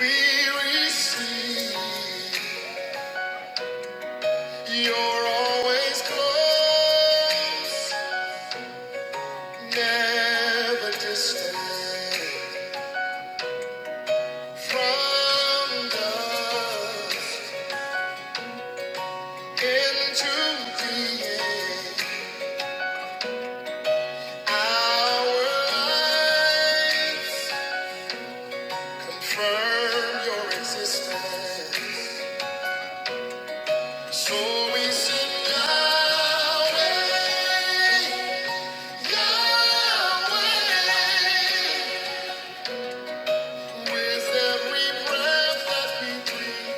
We receive. You're always close, never distant from us. Into being our lives, confirm your existence. So we sing Yahweh, Yahweh. With every breath that we breathe,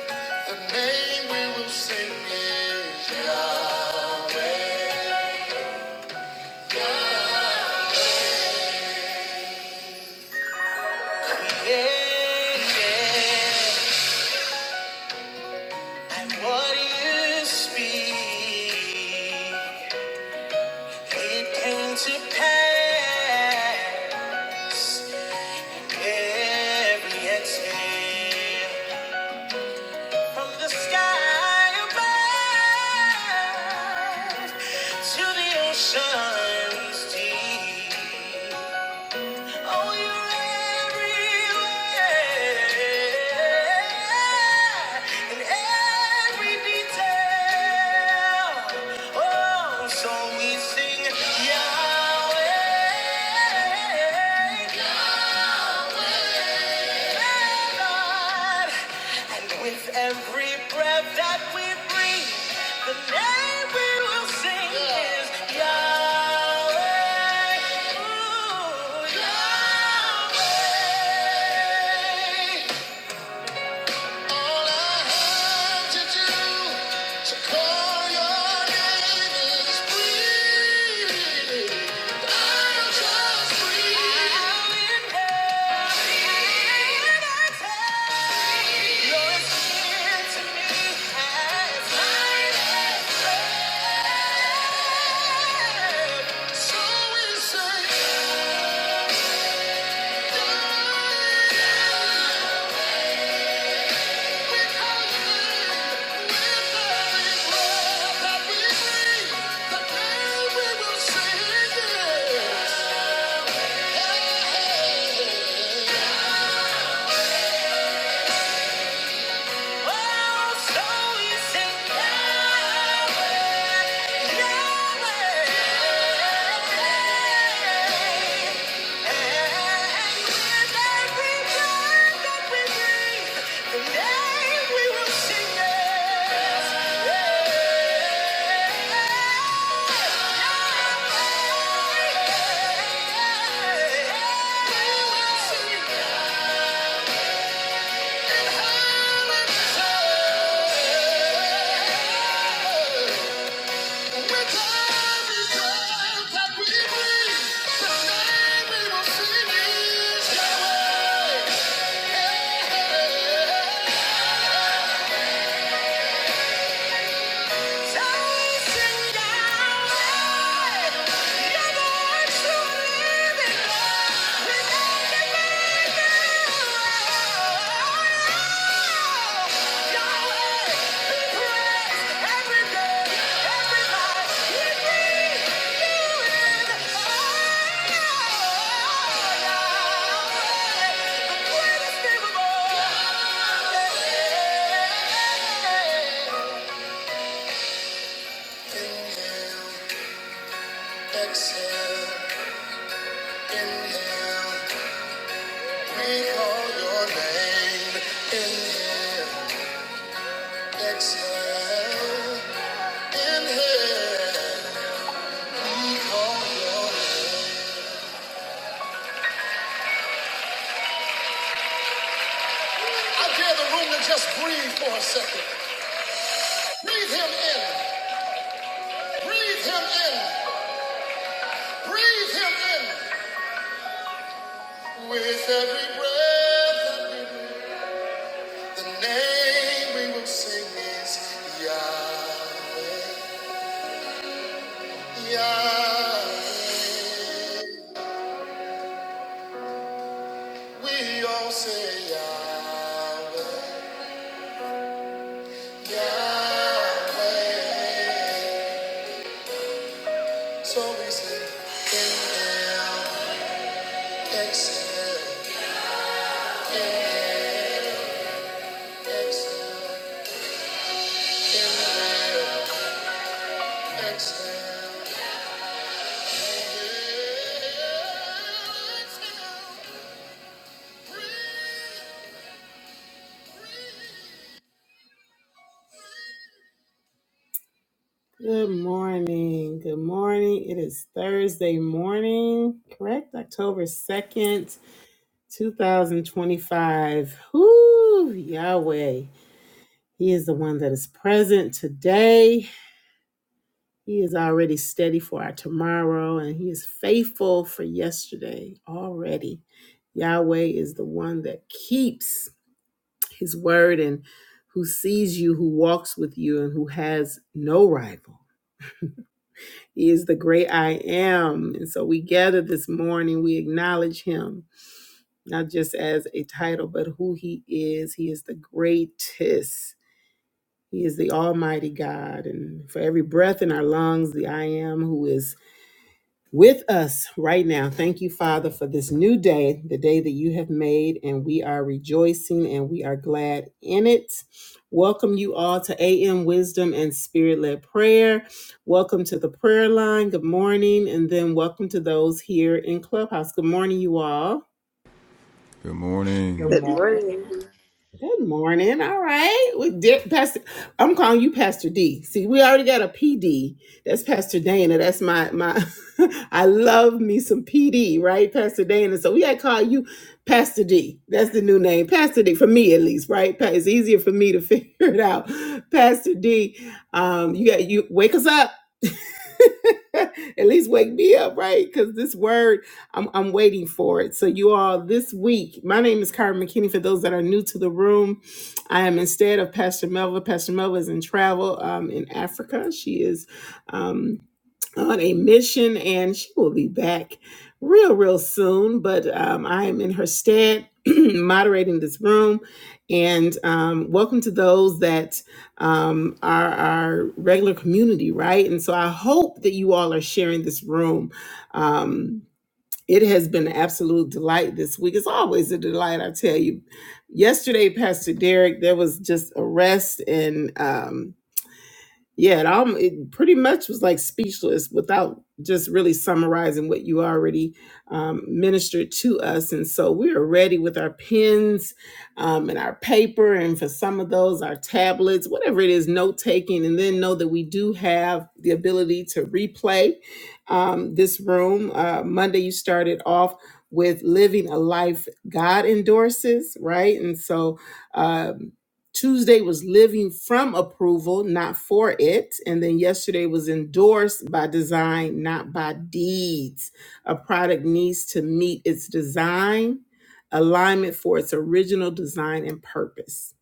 the name we will sing is Yahweh. Yeah, yeah. And what you speak, it came to pass. Every exhale. From the sky above to the ocean's deep. Oh, you're everywhere in every detail. Oh, so we sing Yahweh. And with every breath that we breathe, the name we will sing is Yahweh. Ooh, Yahweh. All I have to do to call your name is breathe. I'm just breathing. Your skin to me as light as air. So insane. Yeah. I dare the room to just breathe for a second. Breathe in, breathe in, breathe him in. With every breath. So Good morning. Good morning. It is Thursday morning, correct? October 2nd. 2025. Whoo, Yahweh. He is the one that is present today. He is already steady for our tomorrow, and He is faithful for yesterday already. Yahweh is the one that keeps His word and who sees you, who walks with you, and who has no rival. He is the great I am. And so we gather this morning, we acknowledge Him. not just as a title, but who he is. He is the greatest. He is the Almighty God. And for every breath in our lungs, the I am who is with us right now. Thank you, Father, for this new day, the day that you have made, and we are rejoicing and we are glad in it. Welcome you all to AM Wisdom and Spirit led prayer. Welcome to the prayer line. Good morning. And then welcome to those here in Clubhouse. Good morning, you all. Good Good morning. Good morning. morning. Good morning. All right. We did Pastor. I'm calling you Pastor D. See, we already got a PD. That's Pastor Dana. That's my my I love me some PD, right? Pastor Dana. So we gotta call you Pastor D. That's the new name. Pastor D for me at least, right? Pa- It's easier for me to figure it out. Pastor D. Um, you got you wake us up. at least wake me up, right? Because this word I'm, I'm waiting for it. So, you all, this week, my name is Karen McKinney. For those that are new to the room, I am instead of Pastor Melva. Pastor Melva is in travel um, in Africa. She is um, on a mission and she will be back real, real soon. But um, I am in her stead moderating this room. And um, welcome to those that um, are our regular community, right? And so I hope that you all are sharing this room. Um, it has been an absolute delight this week. It's always a delight, I tell you. Yesterday, Pastor Derek, there was just a rest and um, yeah, it, all, it pretty much was like speechless without just really summarizing what you already um, ministered to us. And so we are ready with our pens um, and our paper, and for some of those, our tablets, whatever it is, note taking, and then know that we do have the ability to replay um, this room. Uh, Monday, you started off with living a life God endorses, right? And so um, Tuesday was living from approval, not for it. And then yesterday was endorsed by design, not by deeds. A product needs to meet its design, alignment for its original design and purpose.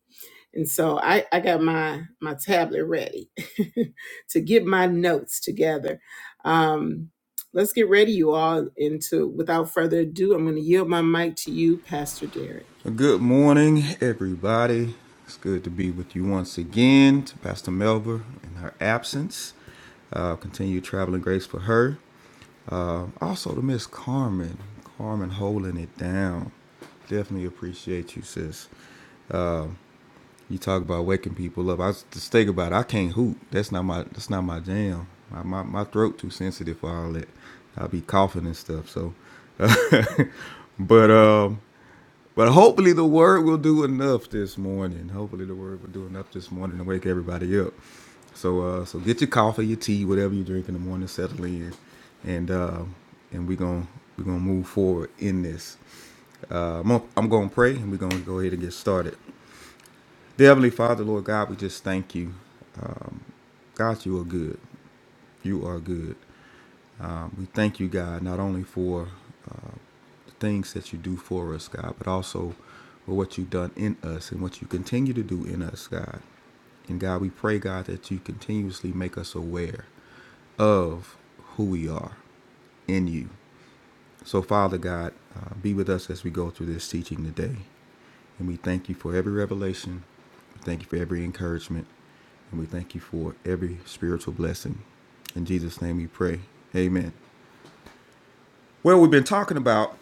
And so I, I got my my tablet ready to get my notes together. Um, let's get ready, you all, into without further ado, I'm gonna yield my mic to you, Pastor Derek. Good morning, everybody. It's good to be with you once again. To Pastor Melba in her absence, uh, continue traveling grace for her. Uh, also to Miss Carmen, Carmen holding it down. Definitely appreciate you, sis. You talk about waking people up. I was just thinking about it. I can't hoot. That's not my. That's not my jam. My my, my throat too sensitive for all that. I'll be coughing and stuff. So, but um. But hopefully the word will do enough this morning. Hopefully the word will do enough this morning to wake everybody up. So uh so get your coffee, your tea, whatever you drink in the morning, settle in. And uh and we're gonna we're gonna move forward in this. Uh I'm gonna, I'm gonna pray and we're gonna go ahead and get started. Dear Heavenly Father, Lord God, we just thank you. God, you are good. You are good. Um, we thank you, God, not only for uh, things that you do for us, God, but also for what you've done in us and what you continue to do in us, God. And God, we pray, God, that you continuously make us aware of who we are in you. So, Father God, uh, be with us as we go through this teaching today. And we thank you for every revelation. We thank you for every encouragement. And we thank you for every spiritual blessing. In Jesus' name we pray. Amen. Well, we've been talking about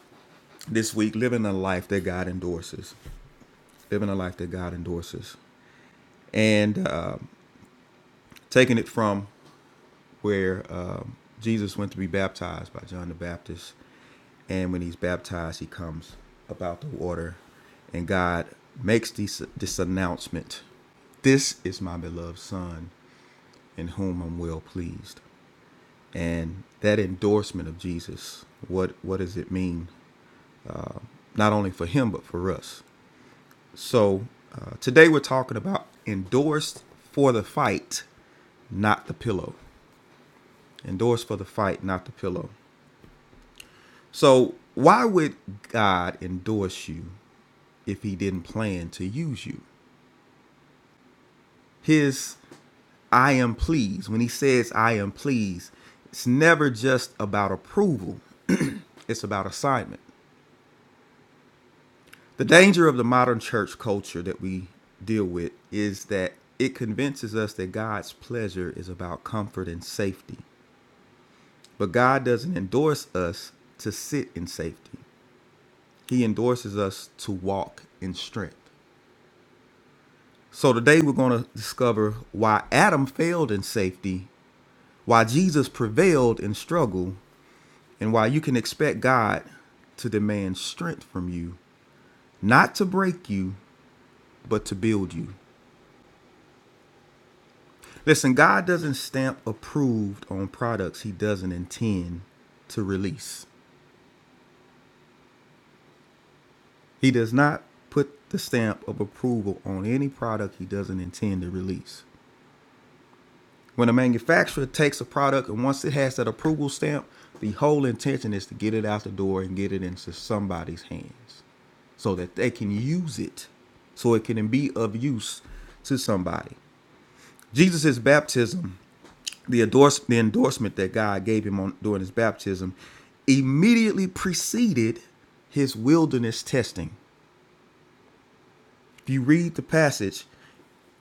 this week living a life that God endorses. living a life that God endorses, and uh, taking it from where um Jesus went to be baptized by John the Baptist. And when he's baptized, he comes about the water, and God makes this, this announcement This is my beloved Son, in whom I'm well pleased. And that endorsement of Jesus, what, what does it mean, uh, not only for him, but for us? So uh, today we're talking about endorsed for the fight not the pillow. Endorse for the fight, not the pillow. So, why would God endorse you if he didn't plan to use you? His I am pleased, when he says I am pleased, it's never just about approval, it's about assignment. The danger of the modern church culture that we deal with is that it convinces us that God's pleasure is about comfort and safety. But God doesn't endorse us to sit in safety. He endorses us to walk in strength. So today we're going to discover why Adam failed in safety, why Jesus prevailed in struggle, and why you can expect God to demand strength from you, not to break you, but to build you. Listen, God doesn't stamp approved on products he doesn't intend to release. He does not put the stamp of approval on any product he doesn't intend to release. When a manufacturer takes a product and once it has that approval stamp, the whole intention is to get it out the door and get it into somebody's hands so that they can use it, so it can be of use to somebody. Jesus' baptism, the, endorse, the endorsement that God gave him on, during his baptism, immediately preceded his wilderness testing. If you read the passage,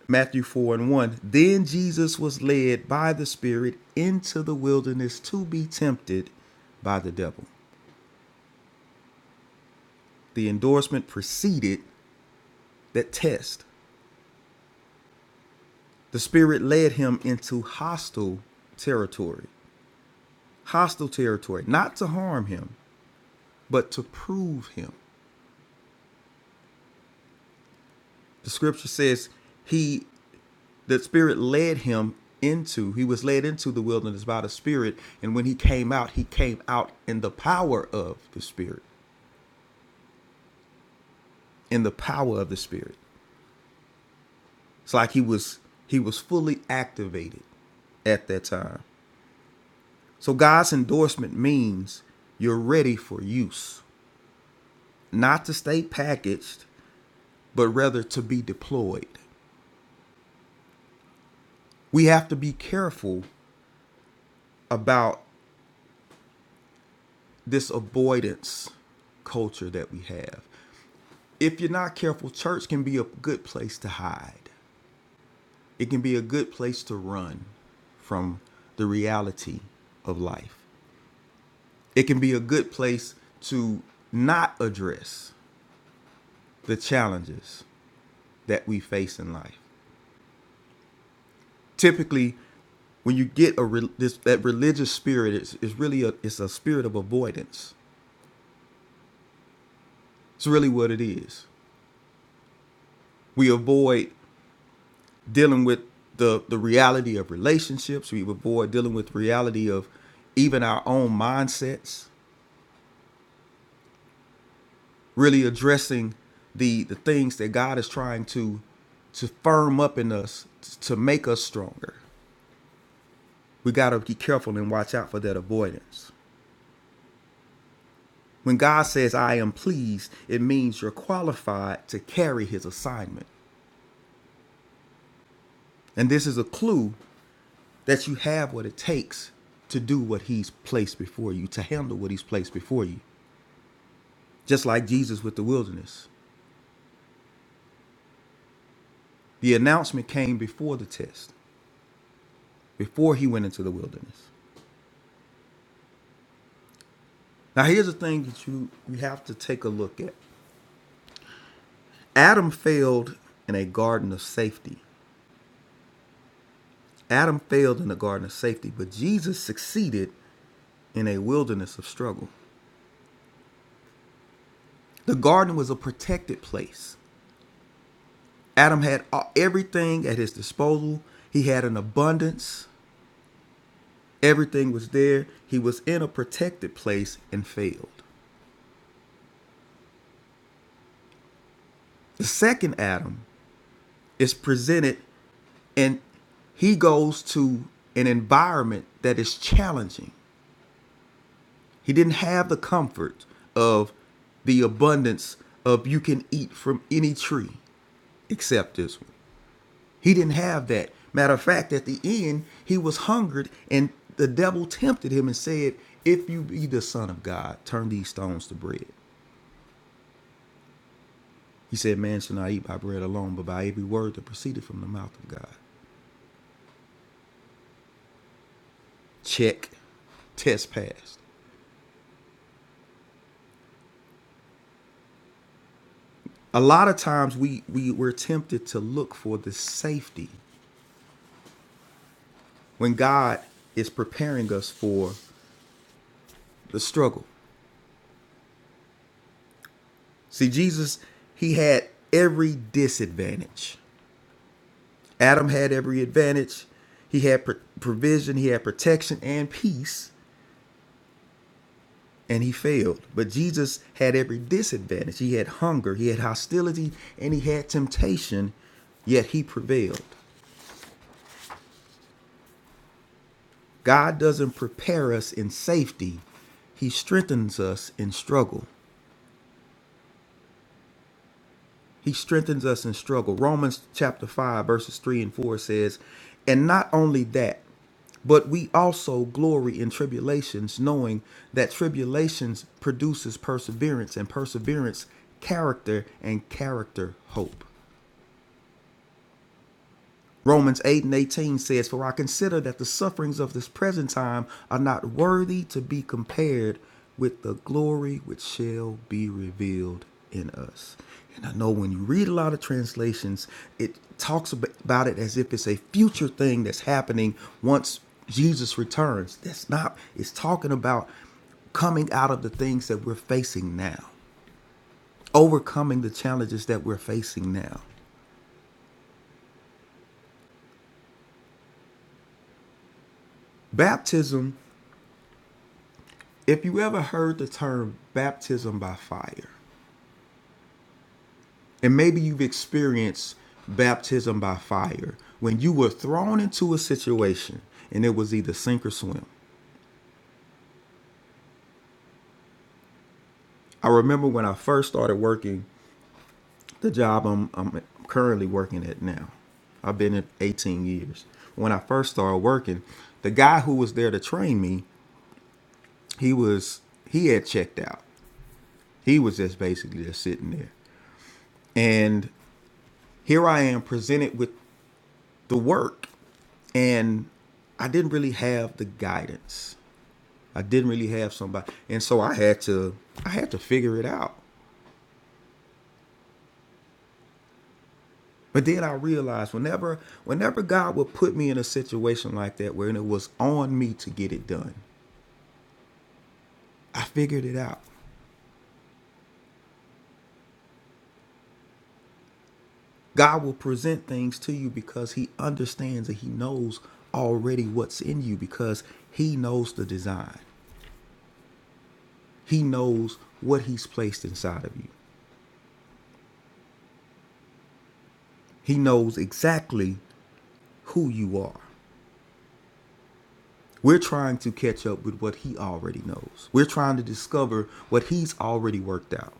Matthew 4 and 1. Then Jesus was led by the Spirit into the wilderness to be tempted by the devil. The endorsement preceded that test. The Spirit led him into hostile territory. Hostile territory, not to harm him, but to prove him. The scripture says he the spirit led him into he was led into the wilderness by the spirit and when he came out he came out in the power of the spirit in the power of the Spirit. It's like he was he was fully activated at that time. So God's endorsement means you're ready for use, not to stay packaged, but rather to be deployed. We have to be careful about this avoidance culture that we have. If you're not careful, church can be a good place to hide. It can be a good place to run from the reality of life. it can be a good place to not address the challenges that we face in life. Typically, when you get a re- this, that religious spirit, it's, it's really a it's a spirit of avoidance. It's really what it is. We avoid dealing with the the reality of relationships. We avoid dealing with reality of even our own mindsets. Really addressing the the things that God is trying to to firm up in us to make us stronger We got to be careful and watch out for that avoidance. When God says, I am pleased, it means you're qualified to carry his assignment. And this is a clue that you have what it takes to do what he's placed before you, to handle what he's placed before you. Just like Jesus with the wilderness. The announcement came before the test, before he went into the wilderness. Now, here's the thing that you, you have to take a look at Adam failed in a garden of safety. Adam failed in the garden of safety, but Jesus succeeded in a wilderness of struggle. The garden was a protected place. Adam had everything at his disposal, he had an abundance, everything was there. He was in a protected place and failed. The second Adam is presented and he goes to an environment that is challenging. He didn't have the comfort of the abundance of you can eat from any tree. except this one. He didn't have that. Matter of fact, at the end, he was hungered, and the devil tempted him and said, If you be the Son of God, turn these stones to bread. He said, Man shall not eat by bread alone, but by every word that proceeded from the mouth of God. Check. Test passed. A lot of times we, we, we're tempted to look for the safety when God is preparing us for the struggle. See, Jesus, he had every disadvantage Adam had every advantage. He had pr- provision, he had protection and peace, and he failed. But Jesus had every disadvantage. He had hunger, he had hostility, and he had temptation, yet he prevailed. God doesn't prepare us in safety, he strengthens us in struggle. He strengthens us in struggle. Romans chapter 5, verses 3 and 4 says, And not only that, but we also glory in tribulations, knowing that tribulations produces perseverance, and perseverance, character, and character, hope. Romans 8 and 18 says, For I consider that the sufferings of this present time are not worthy to be compared with the glory which shall be revealed in us. And I know when you read a lot of translations, it talks about it as if it's a future thing that's happening once Jesus returns. That's not, it's talking about coming out of the things that we're facing now, overcoming the challenges that we're facing now. Baptism If you ever heard the term baptism by fire, and maybe you've experienced baptism by fire when you were thrown into a situation and it was either sink or swim. I remember when I first started working the job I'm, I'm currently working at now. I've been at 18 years. When I first started working, the guy who was there to train me, he was he had checked out. He was just basically just sitting there. And here I am presented with the work and I didn't really have the guidance. I didn't really have somebody, and so I had to I had to figure it out. But then I realized whenever whenever God would put me in a situation like that where it was on me to get it done, I figured it out. God will present things to you because he understands and he knows already what's in you because he knows the design. He knows what he's placed inside of you. He knows exactly who you are. We're trying to catch up with what he already knows. We're trying to discover what he's already worked out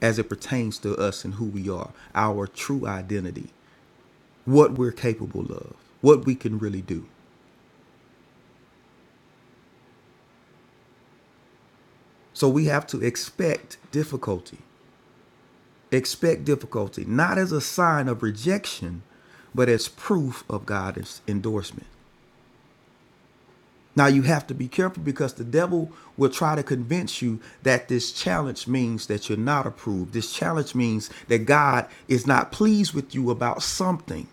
as it pertains to us and who we are, our true identity, what we're capable of, what we can really do. So we have to expect difficulty. Expect difficulty, not as a sign of rejection, but as proof of God's endorsement. Now you have to be careful because the devil will try to convince you that this challenge means that you're not approved. This challenge means that God is not pleased with you about something.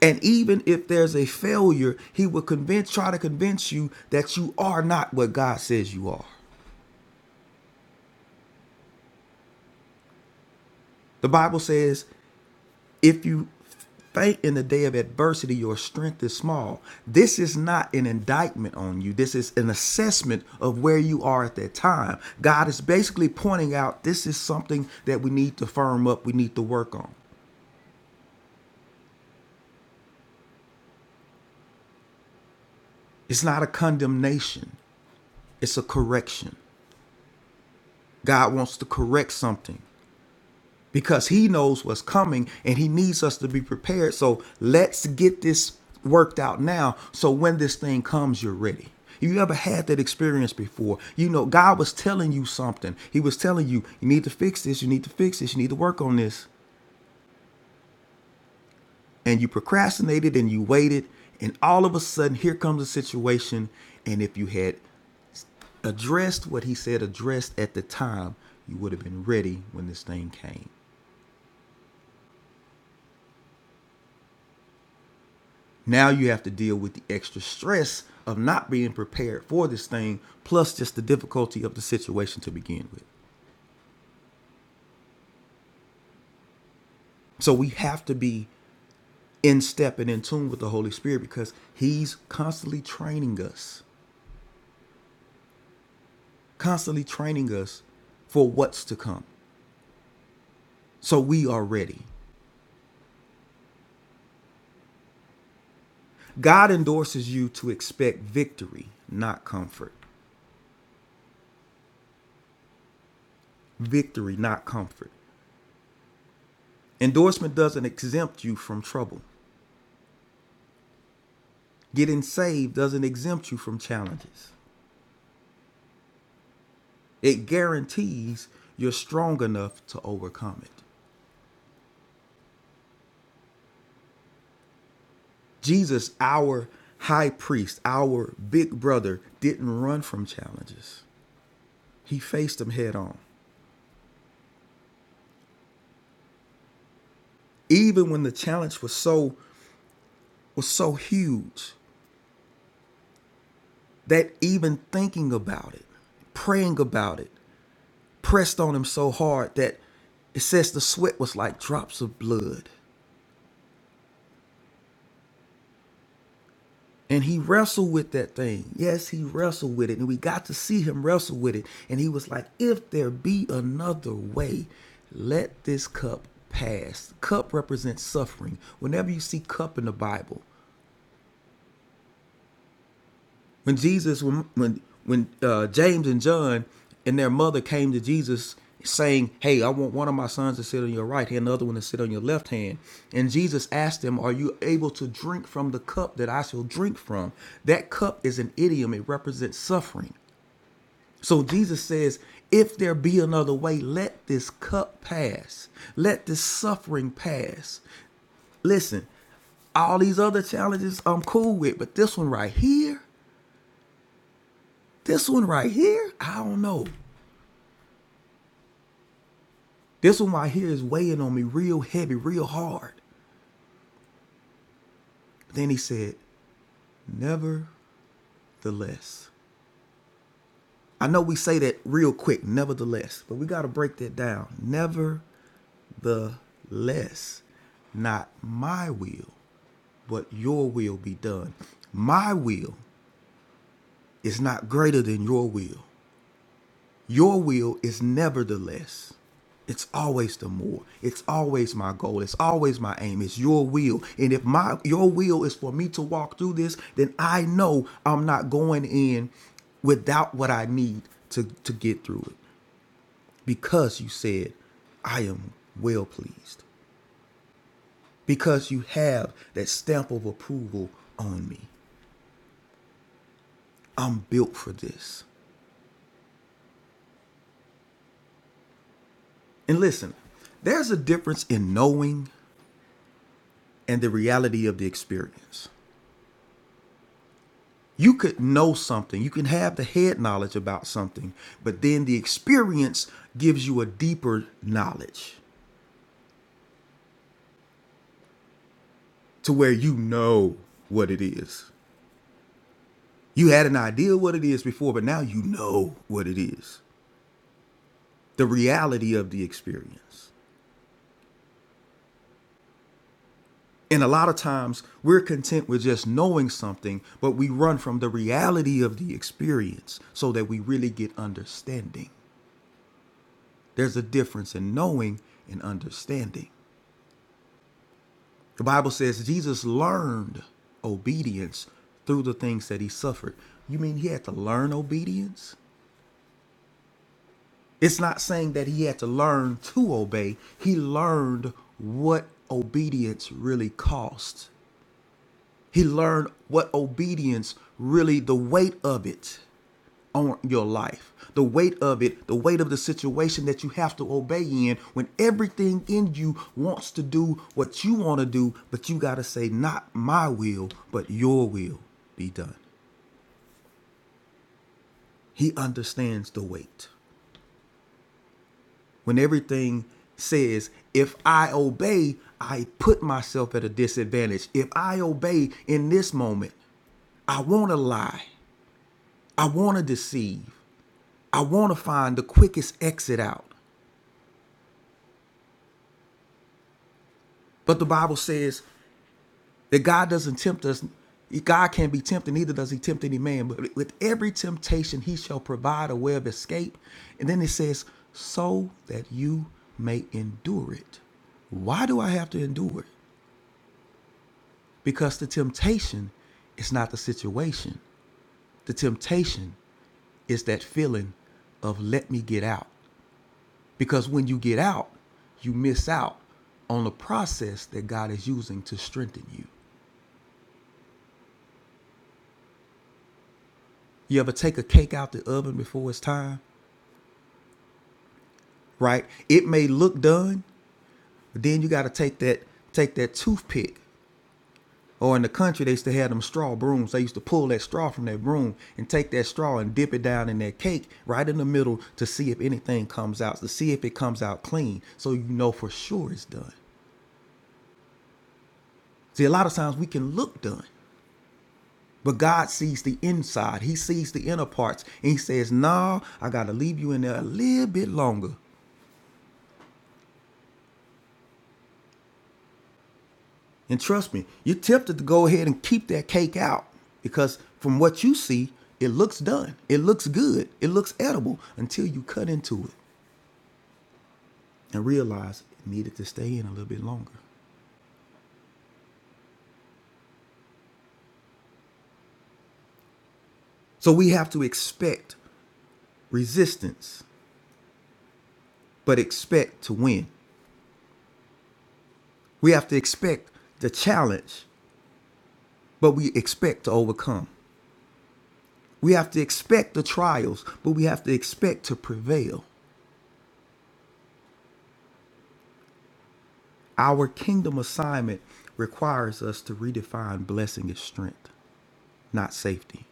And even if there's a failure, he will convince try to convince you that you are not what God says you are. The Bible says If you faint in the day of adversity, your strength is small. This is not an indictment on you. This is an assessment of where you are at that time. God is basically pointing out this is something that we need to firm up, we need to work on. It's not a condemnation, it's a correction. God wants to correct something. because he knows what's coming and he needs us to be prepared. So let's get this worked out now so when this thing comes, you're ready. You ever had that experience before? You know, God was telling you something. He was telling you, you need to fix this, you need to fix this, you need to work on this. And you procrastinated and you waited. And all of a sudden, here comes a situation. And if you had addressed what He said, addressed at the time, you would have been ready when this thing came. Now you have to deal with the extra stress of not being prepared for this thing, plus just the difficulty of the situation to begin with. So we have to be in step and in tune with the Holy Spirit because He's constantly training us, constantly training us for what's to come. So we are ready. God endorses you to expect victory, not comfort. Victory, not comfort. Endorsement doesn't exempt you from trouble. Getting saved doesn't exempt you from challenges. It guarantees you're strong enough to overcome it. Jesus, our high priest, our big brother, didn't run from challenges. He faced them head on. Even when the challenge was so was so huge that even thinking about it, praying about it, pressed on him so hard that it says the sweat was like drops of blood. And he wrestled with that thing. Yes, he wrestled with it. And we got to see him wrestle with it. And he was like, if there be another way, let this cup pass. Cup represents suffering. Whenever you see cup in the Bible, when Jesus when when, when uh, James and John and their mother came to Jesus saying, "Hey, I want one of my sons to sit on your right hand, the other one to sit on your left hand." And Jesus asked them, "Are you able to drink from the cup that I shall drink from?" That cup is an idiom; it represents suffering. So Jesus says, "If there be another way, let this cup pass. Let this suffering pass." Listen, all these other challenges I'm cool with, but this one right here. This one right here, I don't know. This one right here is weighing on me real heavy, real hard. Then he said, Nevertheless. I know we say that real quick, nevertheless, but we got to break that down. Nevertheless, not my will, but your will be done. My will is not greater than your will. Your will is never the less. It's always the more. It's always my goal. It's always my aim. It's your will. And if my your will is for me to walk through this, then I know I'm not going in without what I need to, to get through it. Because you said, I am well pleased. Because you have that stamp of approval on me. I'm built for this. And listen, there's a difference in knowing and the reality of the experience. You could know something, you can have the head knowledge about something, but then the experience gives you a deeper knowledge to where you know what it is. You had an idea what it is before, but now you know what it is the reality of the experience. And a lot of times we're content with just knowing something, but we run from the reality of the experience so that we really get understanding. There's a difference in knowing and understanding. The Bible says Jesus learned obedience through the things that he suffered. You mean he had to learn obedience? It's not saying that he had to learn to obey, he learned what obedience really cost. He learned what obedience really, the weight of it. on your life. The weight of it, the weight of the situation that you have to obey in when everything in you wants to do what you want to do, but you got to say, Not my will, but your will be done. He understands the weight. When everything says, If I obey, I put myself at a disadvantage. If I obey in this moment, I want to lie, I want to deceive, I want to find the quickest exit out. But the Bible says, That God doesn't tempt us. God can't be tempted, neither does he tempt any man. But with every temptation, he shall provide a way of escape. And then it says, so that you may endure it. Why do I have to endure it? Because the temptation is not the situation. The temptation is that feeling of let me get out. Because when you get out, you miss out on the process that God is using to strengthen you. You ever take a cake out the oven before it's time? right? It may look done, but then you got to take that take that toothpick. Or in the country, they used to have them straw brooms. They used to pull that straw from that broom and take that straw and dip it down in that cake right in the middle to see if anything comes out, to see if it comes out clean, so you know for sure it's done. See, a lot of times we can look done, but God sees the inside. He sees the inner parts, and He says, no, "Nah, I got to leave you in there a little bit longer And trust me, you're tempted to go ahead and keep that cake out because from what you see, it looks done. It looks good. It looks edible until you cut into it and realize it needed to stay in a little bit longer. So we have to expect resistance, but expect to win. We have to expect the challenge, but we expect to overcome. We have to expect the trials, but we have to expect to prevail. Our kingdom assignment requires us to redefine blessing as strength, not safety.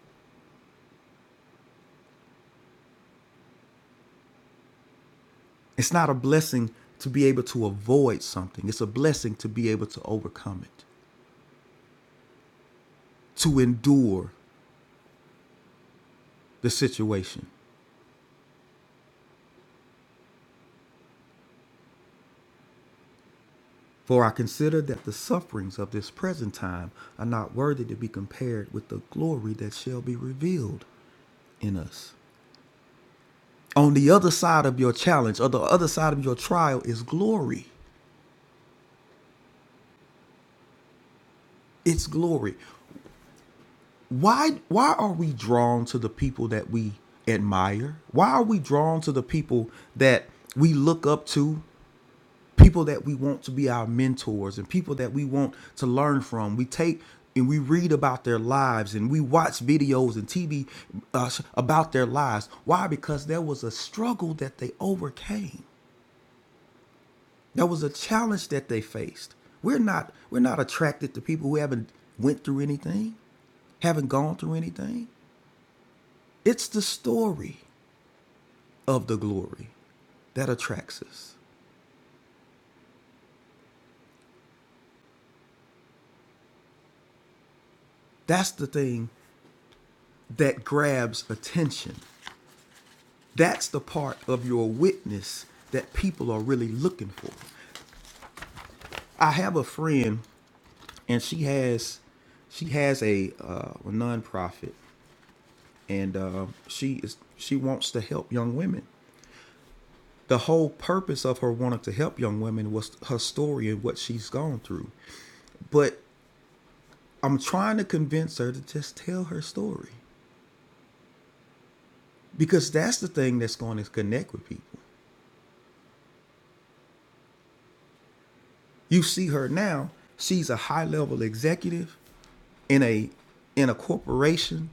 It's not a blessing to be able to avoid something, it's a blessing to be able to overcome it, to endure the situation. For I consider that the sufferings of this present time are not worthy to be compared with the glory that shall be revealed in us. On the other side of your challenge or the other side of your trial is glory. It's glory. why why are we drawn to the people that we admire why are we drawn to the people that we look up to people that we want to be our mentors and people that we want to learn from we take and we read about their lives and we watch videos and tv uh, about their lives why because there was a struggle that they overcame there was a challenge that they faced we're not we're not attracted to people who haven't went through anything haven't gone through anything It's the story of the glory that attracts us. That's the thing that grabs attention. That's the part of your witness that people are really looking for. I have a friend, and she has she has a, uh, a nonprofit, and uh, she is she wants to help young women. The whole purpose of her wanting to help young women was her story and what she's gone through. But I'm trying to convince her to just tell her story because that's the thing that's going to connect with people. You see her now; she's a high-level executive in a in a corporation.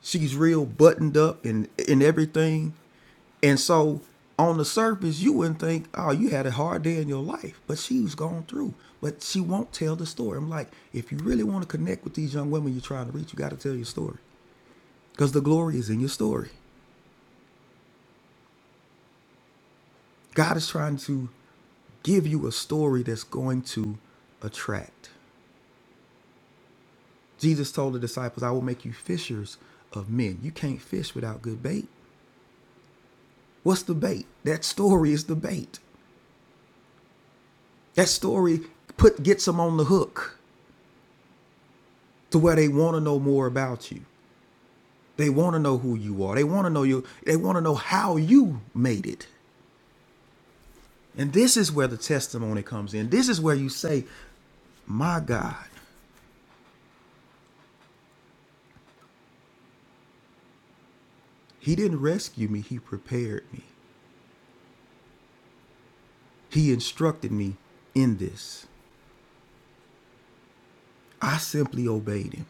She's real buttoned up and in everything. And so, on the surface, you wouldn't think, "Oh, you had a hard day in your life," but she's gone through. But she won't tell the story. I'm like, if you really want to connect with these young women you're trying to reach, you got to tell your story because the glory is in your story. God is trying to give you a story that's going to attract. Jesus told the disciples, I will make you fishers of men. You can't fish without good bait. What's the bait? That story is the bait. That story put gets them on the hook to where they want to know more about you. They want to know who you are. They want to know you. They want to know how you made it. And this is where the testimony comes in. This is where you say, "My God, he didn't rescue me. He prepared me. He instructed me in this. I simply obeyed him."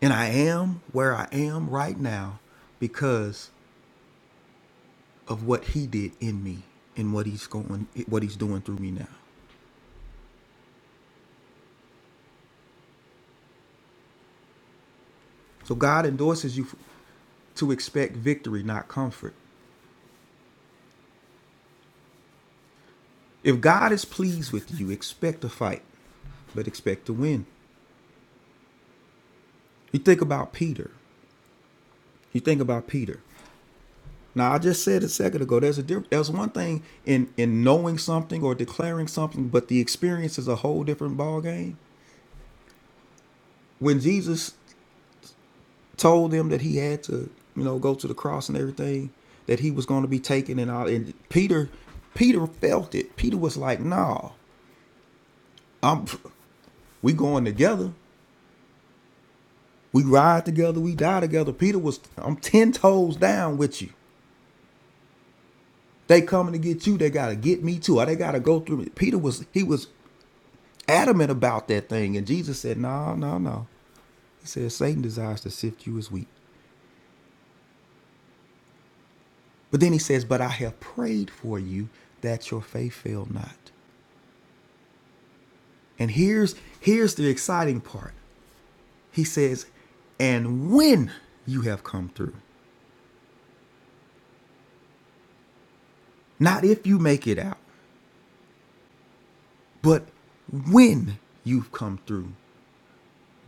And I am where I am right now because of what he did in me and what he's going what he's doing through me now. So God endorses you to expect victory, not comfort. If God is pleased with you, expect to fight, but expect to win. You think about Peter. You think about Peter. Now I just said a second ago, there's a there's one thing in in knowing something or declaring something, but the experience is a whole different ballgame. When Jesus told them that he had to, you know, go to the cross and everything, that he was going to be taken and all. And Peter, Peter felt it. Peter was like, "Nah, I'm, we going together. We ride together. We die together." Peter was, "I'm ten toes down with you. They coming to get you. They gotta get me too. Or they gotta go through me." Peter was, he was adamant about that thing, and Jesus said, "No, no, no." He says, "Satan desires to sift you as wheat." But then he says, "But I have prayed for you that your faith fail not." And here's here's the exciting part. He says, "And when you have come through, not if you make it out, but when you've come through,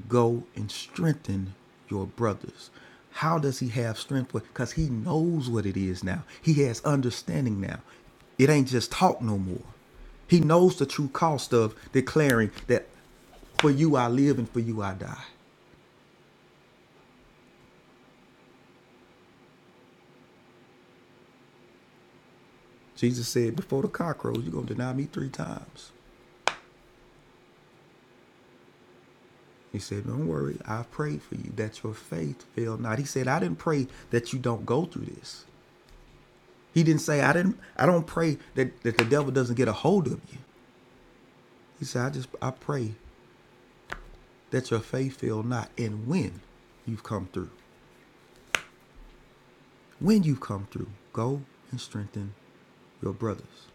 go and strengthen your brothers." How does he have strength? Because he knows what it is now. He has understanding now. It ain't just talk no more. He knows the true cost of declaring that for you I live and for you I die. Jesus said, Before the cock crows, you're going to deny me three times. He said, Don't worry, I've prayed for you that your faith fail not. He said, I didn't pray that you don't go through this. He didn't say, I didn't I don't pray that, that the devil doesn't get a hold of you. He said, I just I pray that your faith fail not. And when you've come through, when you've come through, go and strengthen your brothers.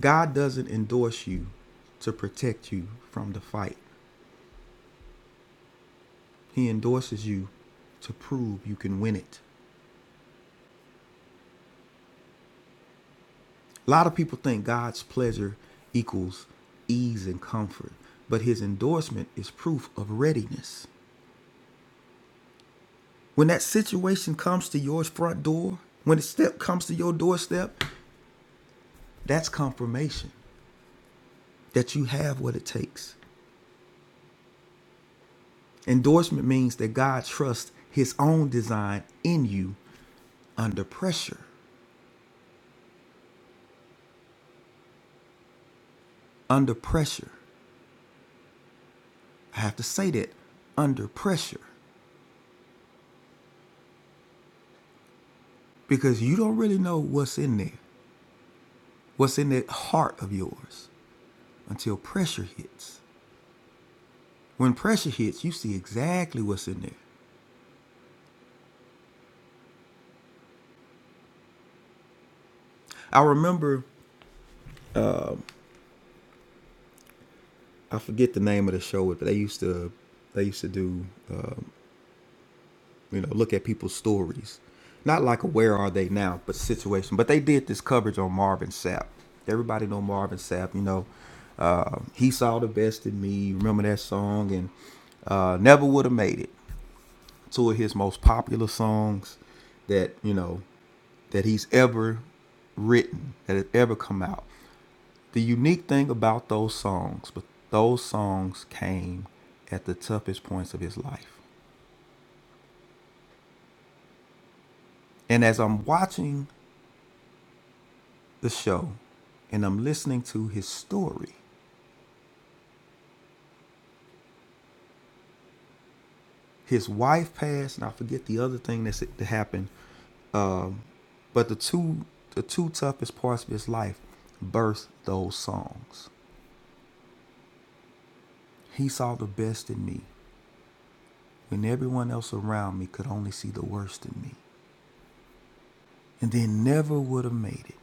God doesn't endorse you to protect you from the fight. He endorses you to prove you can win it. A lot of people think God's pleasure equals ease and comfort, but his endorsement is proof of readiness. When that situation comes to your front door, when the step comes to your doorstep, that's confirmation that you have what it takes. Endorsement means that God trusts his own design in you under pressure. Under pressure. I have to say that under pressure because you don't really know what's in there, what's in that heart of yours. until pressure hits. When pressure hits, you see exactly what's in there. I remember, I forget the name of the show, but they used to, they used to do, you know, look at people's stories, not like a where are they now, but situation. But they did this coverage on Marvin Sapp. Everybody know Marvin Sapp. You know, uh, he saw the best in me. Remember that song and uh, never would have made it. Two of his most popular songs that you know that he's ever written that have ever come out. The unique thing about those songs, but those songs came at the toughest points of his life. And as I'm watching the show and I'm listening to his story, his wife passed, and I forget the other thing that happened, but the two the two toughest parts of his life birthed those songs. He saw the best in me when everyone else around me could only see the worst in me. And then never would have made it.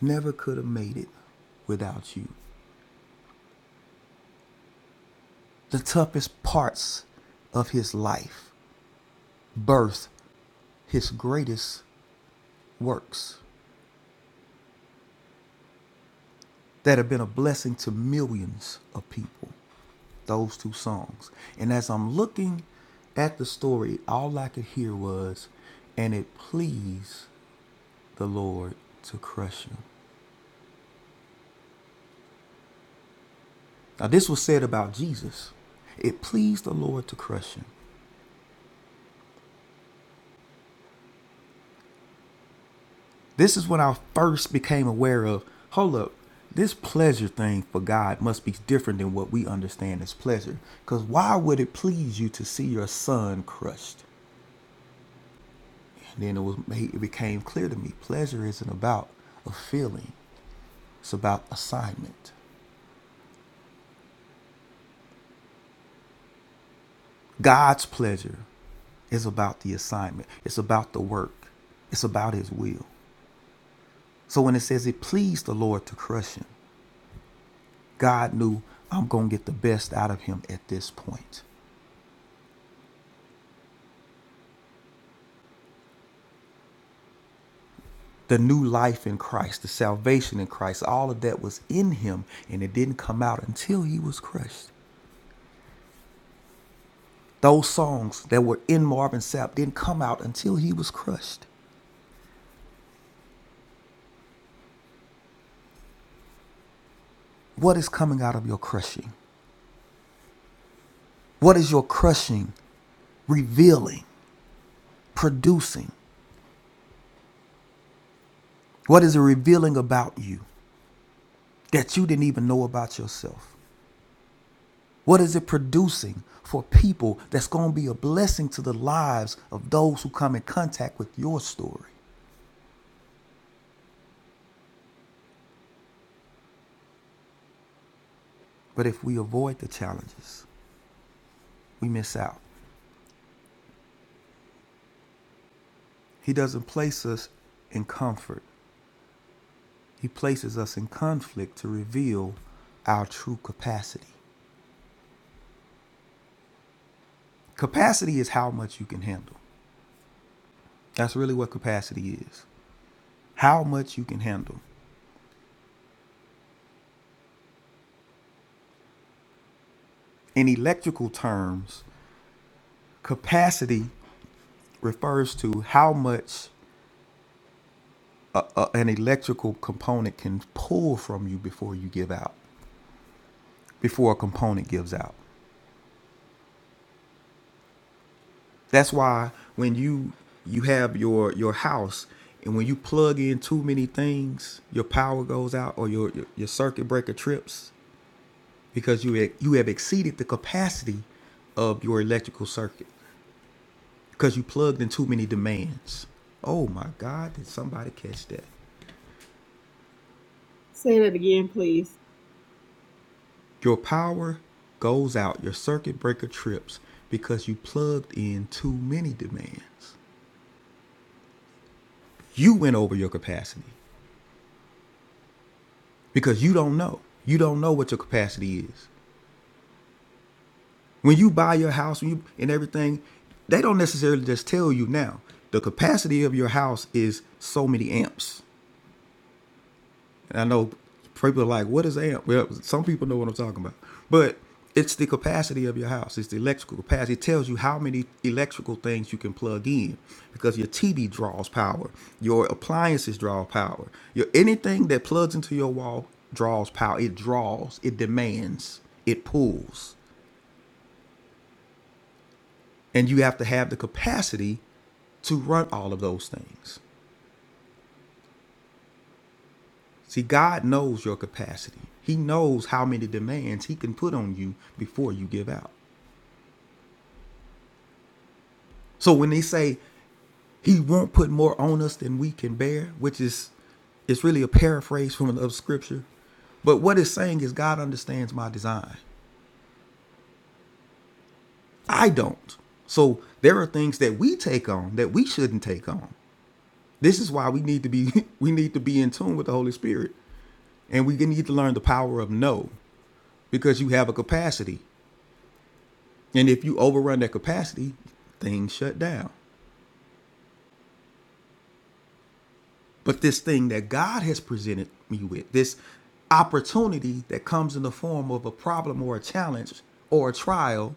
Never could have made it without you. the toughest parts of his life, birth his greatest works that have been a blessing to millions of people. Those two songs. And as I'm looking at the story, all I could hear was, and it pleased the Lord to crush him. Now, this was said about Jesus. It pleased the Lord to crush him. This is when I first became aware of hold up, this pleasure thing for God must be different than what we understand as pleasure. Because why would it please you to see your son crushed? And then it was made, it became clear to me pleasure isn't about a feeling, it's about assignment. God's pleasure is about the assignment, it's about the work, it's about his will. So when it says it pleased the Lord to crush him, God knew I'm going to get the best out of him at this point. the new life in Christ, the salvation in Christ, all of that was in him and it didn't come out until he was crushed. Those songs that were in Marvin Sapp didn't come out until he was crushed. What is coming out of your crushing? What is your crushing revealing, producing? What is it revealing about you that you didn't even know about yourself? What is it producing for people that's going to be a blessing to the lives of those who come in contact with your story? But if we avoid the challenges, we miss out. He doesn't place us in comfort, He places us in conflict to reveal our true capacity. Capacity is how much you can handle. That's really what capacity is how much you can handle. In electrical terms, capacity refers to how much uh, an electrical component can pull from you before you give out, before a component gives out. That's why when you you have your your house and when you plug in too many things, your power goes out or your your, your circuit breaker trips because you ex- you have exceeded the capacity of your electrical circuit because you plugged in too many demands. Oh my God! Did somebody catch that? Say that again, please. Your power goes out. Your circuit breaker trips because you plugged in too many demands you went over your capacity because you don't know. You don't know what your capacity is. When you buy your house when you, and everything, they don't necessarily just tell you now. The capacity of your house is so many amps. And I know people are like, what is amp? Well, some people know what I'm talking about. But it's the capacity of your house. It's the electrical capacity. It tells you how many electrical things you can plug in because your TV draws power, your appliances draw power, your anything that plugs into your wall draws power. It draws, it demands, it pulls, and you have to have the capacity to run all of those things. See, God knows your capacity. He knows how many demands he can put on you before you give out. So when they say he won't put more on us than we can bear, which is it's really a paraphrase from another scripture, but what it's saying is God understands my design. I don't. So there are things that we take on that we shouldn't take on. This is why we need to be we need to be in tune with the Holy Spirit. And we need to learn the power of no because you have a capacity And if you overrun that capacity, things shut down. But this thing that God has presented me with, this opportunity that comes in the form of a problem or a challenge or a trial,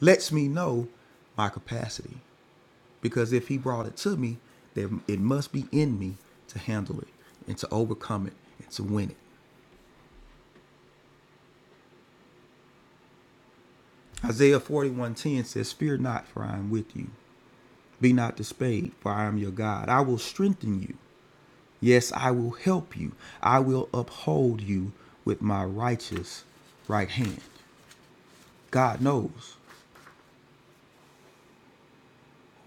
lets me know my capacity. Because if He brought it to me, then it must be in me to handle it and to overcome it and to win it. Isaiah 41:10 says, Fear not, for I am with you. Be not dismayed, for I am your God. I will strengthen you. Yes, I will help you. I will uphold you with my righteous right hand. God knows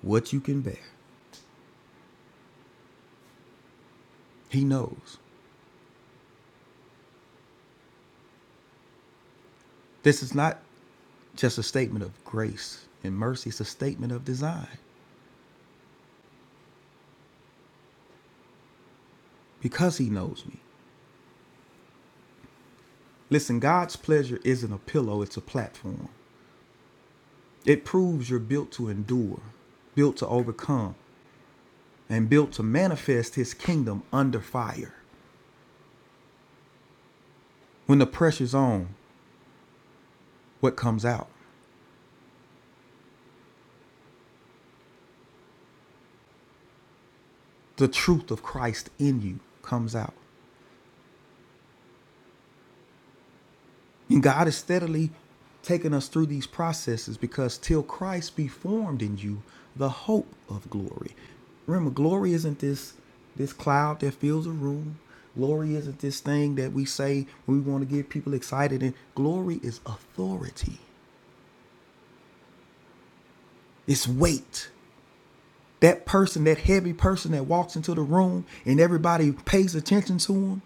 what you can bear. He knows. This is not just a statement of grace and mercy, it's a statement of design because He knows me. Listen, God's pleasure isn't a pillow, it's a platform. It proves you're built to endure, built to overcome, and built to manifest His kingdom under fire. When the pressure's on, what comes out? the truth of Christ in you comes out. And God is steadily taking us through these processes because till Christ be formed in you, the hope of glory. Remember, glory isn't this this cloud that fills a room. Glory isn't this thing that we say when we want to get people excited. And glory is authority. It's weight. That person, that heavy person that walks into the room and everybody pays attention to him,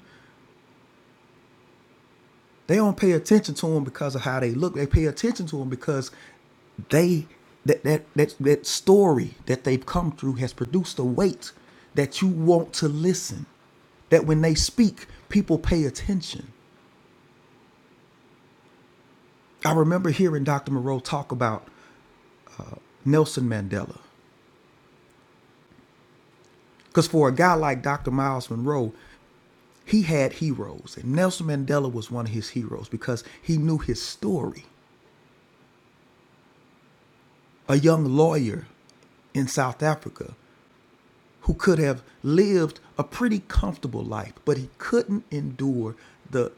They don't pay attention to them because of how they look. They pay attention to them because they that that that that story that they've come through has produced a weight that you want to listen. That when they speak, people pay attention. I remember hearing Dr. Moreau talk about Nelson Mandela. Because for a guy like Dr. Miles Monroe, he had heroes. And Nelson Mandela was one of his heroes because he knew his story. A young lawyer in South Africa who could have lived a pretty comfortable life, but he couldn't endure the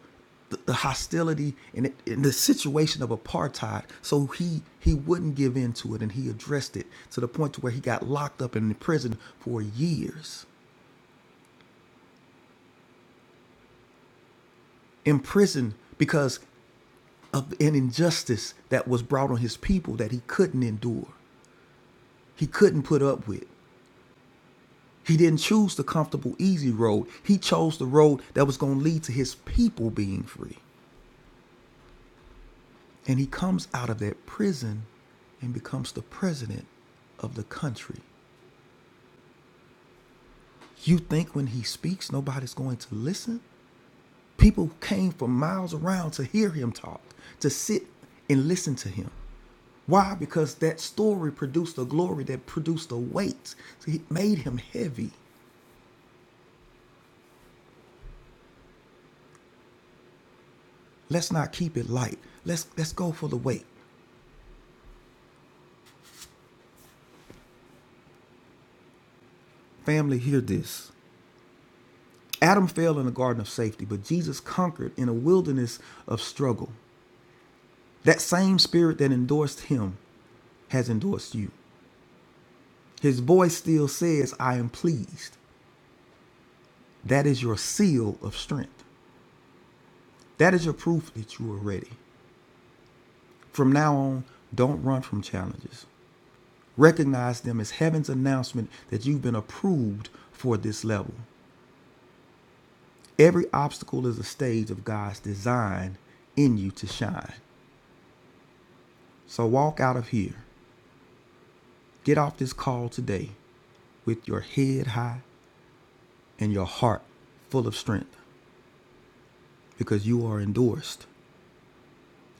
the, the hostility and, it, and the situation of apartheid. So he he wouldn't give in to it, and he addressed it to the point to where he got locked up and in prison for years, in prison because of an injustice that was brought on his people that he couldn't endure, he couldn't put up with. He didn't choose the comfortable, easy road. He chose the road that was going to lead to his people being free. And he comes out of that prison and becomes the president of the country. You think when he speaks, nobody's going to listen? People came from miles around to hear him talk, to sit and listen to him. Why? Because that story produced a glory that produced a weight. So it made him heavy. Let's not keep it light. Let's let's go for the weight. Family, hear this. Adam fell in the garden of safety, but Jesus conquered in a wilderness of struggle. That same spirit that endorsed him has endorsed you. His voice still says, I am pleased. That is your seal of strength. That is your proof that you are ready. From now on, don't run from challenges. Recognize them as heaven's announcement that you've been approved for this level. Every obstacle is a stage of God's design in you to shine. So walk out of here. Get off this call today with your head high and your heart full of strength. because you are endorsed,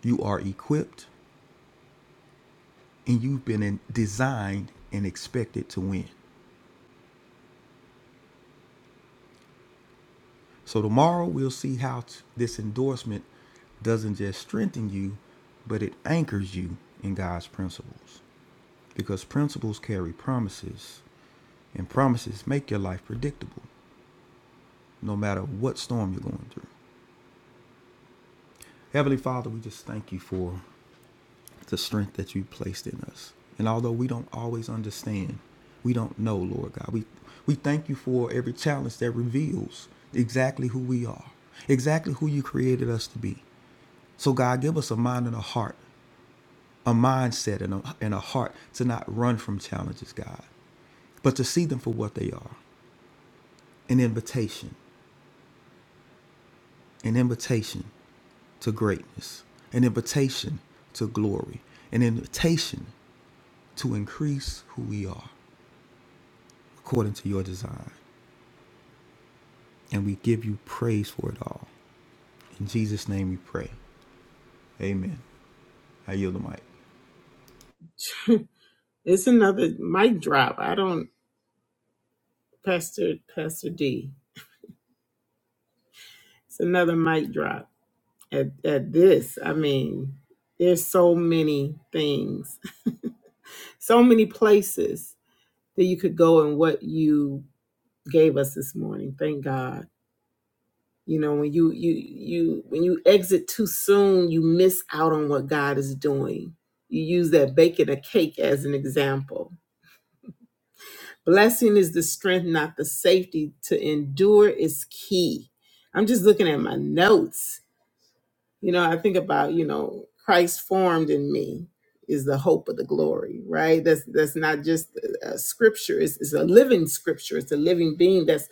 you are equipped, and you've been in, designed and expected to win. So tomorrow we'll see how t- this endorsement doesn't just strengthen you, but it anchors you in God's principles. Because principles carry promises, and promises make your life predictable, no matter what storm you're going through. Heavenly Father, we just thank you for the strength that you placed in us. And although we don't always understand, we don't know, Lord God, we, we thank you for every challenge that reveals exactly who we are, exactly who you created us to be. So, God, give us a mind and a heart, a mindset and a, and a heart to not run from challenges, God, but to see them for what they are an invitation, an invitation to greatness, an invitation to glory, an invitation to increase who we are according to your design. And we give you praise for it all. In Jesus' name we pray. Amen. I yield the mic. It's another mic drop. I don't, Pastor Pastor D. It's another mic drop at at this. I mean, there's so many things, so many places that you could go and what you gave us this morning. Thank God. You know, when you you you when you exit too soon, you miss out on what God is doing. You use that baking a cake as an example. Blessing is the strength, not the safety. To endure is key. I'm just looking at my notes. You know, I think about, you know, Christ formed in me is the hope of the glory, right? That's that's not just a a scripture, it's, it's a living scripture, it's a living being that's.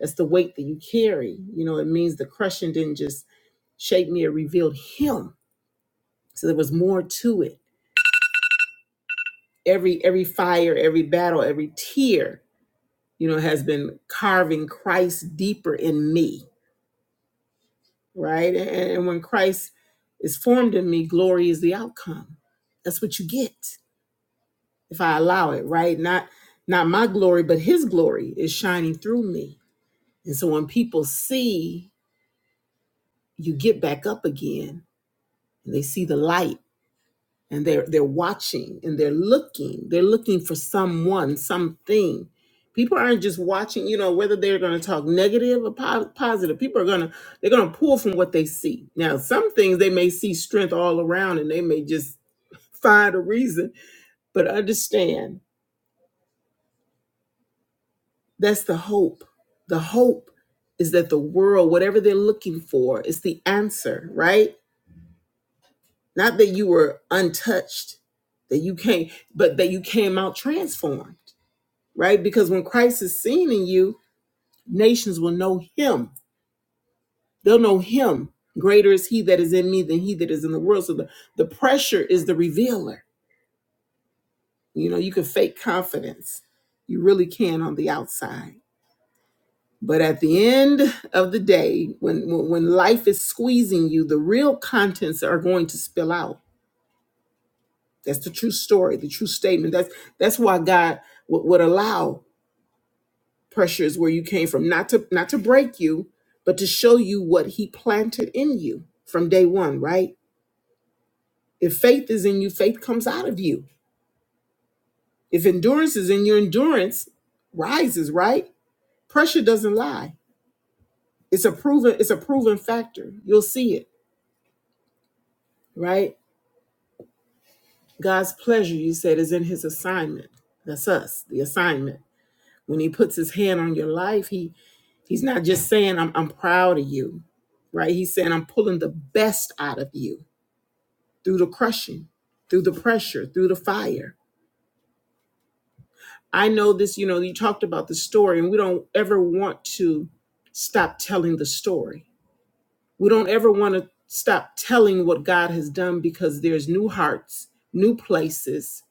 That's the weight that you carry. You know, it means the crushing didn't just shape me, it revealed him. So there was more to it. Every every fire, every battle, every tear, you know, has been carving Christ deeper in me. Right. And, and when Christ is formed in me, glory is the outcome. That's what you get if I allow it, right? Not not my glory, but his glory is shining through me. And so when people see you get back up again and they see the light and they're they're watching and they're looking they're looking for someone something people aren't just watching you know whether they're going to talk negative or po- positive people are going to they're going to pull from what they see now some things they may see strength all around and they may just find a reason but understand that's the hope the hope is that the world whatever they're looking for is the answer right not that you were untouched that you came but that you came out transformed right? Because when Christ is seen in you, nations will know him. They'll know him. Greater is he that is in me than he that is in the world. So the, the pressure is the revealer. You know, you can fake confidence. You really can on the outside. But at the end of the day, when, when when life is squeezing you, the real contents are going to spill out. That's the true story, the true statement. That's that's why God would, would allow Pressure is where you came from not to not to break you but to show you what he planted in you from day one right if faith is in you faith comes out of you if endurance is in you endurance rises right pressure doesn't lie it's a proven it's a proven factor you'll see it right god's pleasure you said is in his assignment that's us the assignment when he puts his hand on your life he he's not just saying i'm, I'm proud of you right he's saying i'm pulling the best out of you through the crushing, through the pressure, through the fire. I know this, you know, you talked about the story, and we don't ever want to stop telling the story. We don't ever want to stop telling what God has done because there's new hearts, new places.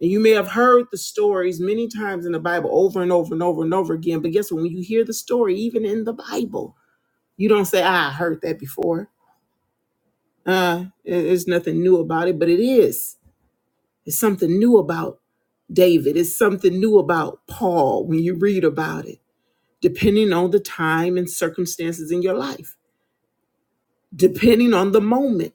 And you may have heard the stories many times in the Bible over and over and over and over again. But guess what? When you hear the story, even in the Bible, you don't say, ah, I heard that before. Uh, it- there's nothing new about it, but it is There's something new about David. It's something new about Paul when you read about it, depending on the time and circumstances in your life, depending on the moment.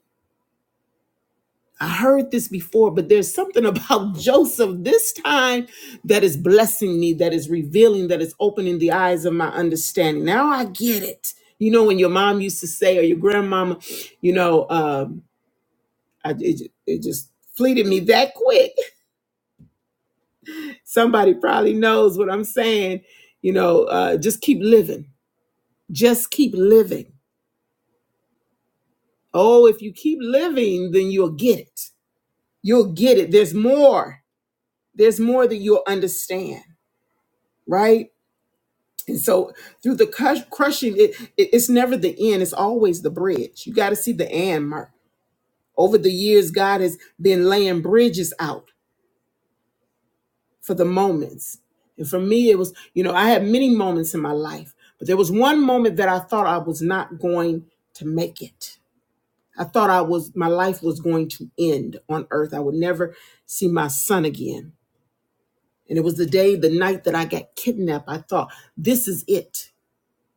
I heard this before, but there's something about Joseph this time that is blessing me, that is revealing, that is opening the eyes of my understanding. Now I get it. You know, when your mom used to say, or your grandmama, you know, um, I, it, it just fleeted me that quick. Somebody probably knows what I'm saying. You know, uh, just keep living. Just keep living. Oh, if you keep living, then you'll get it. You'll get it. There's more. There's more that you'll understand, right? And so through the crush, crushing, it, it- it's never the end. It's always the bridge. You got to see the and mark. Over the years, God has been laying bridges out for the moments. And for me, it was, you know, I had many moments in my life, but there was one moment that I thought I was not going to make it. I thought I was, my life was going to end on earth. I would never see my son again. And it was the day, the night that I got kidnapped. I thought, this is it.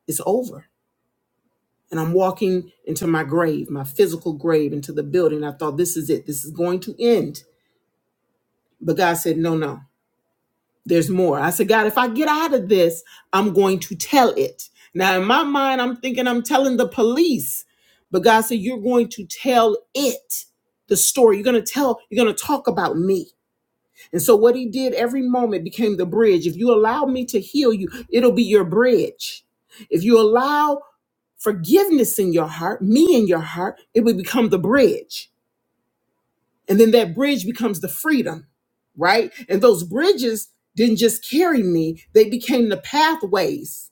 It's over. And I'm walking into my grave, my physical grave, into the building. I thought, this is it. This is going to end. But God said, no, no. there's more. I said, God, if I get out of this, I'm going to tell it. Now, in my mind, I'm thinking I'm telling the police, but God said, You're going to tell it the story. You're going to tell, you're going to talk about me. And so, what he did every moment became the bridge. If you allow me to heal you, it'll be your bridge. If you allow forgiveness in your heart, me in your heart, it will become the bridge. And then that bridge becomes the freedom, right? And those bridges didn't just carry me, they became the pathways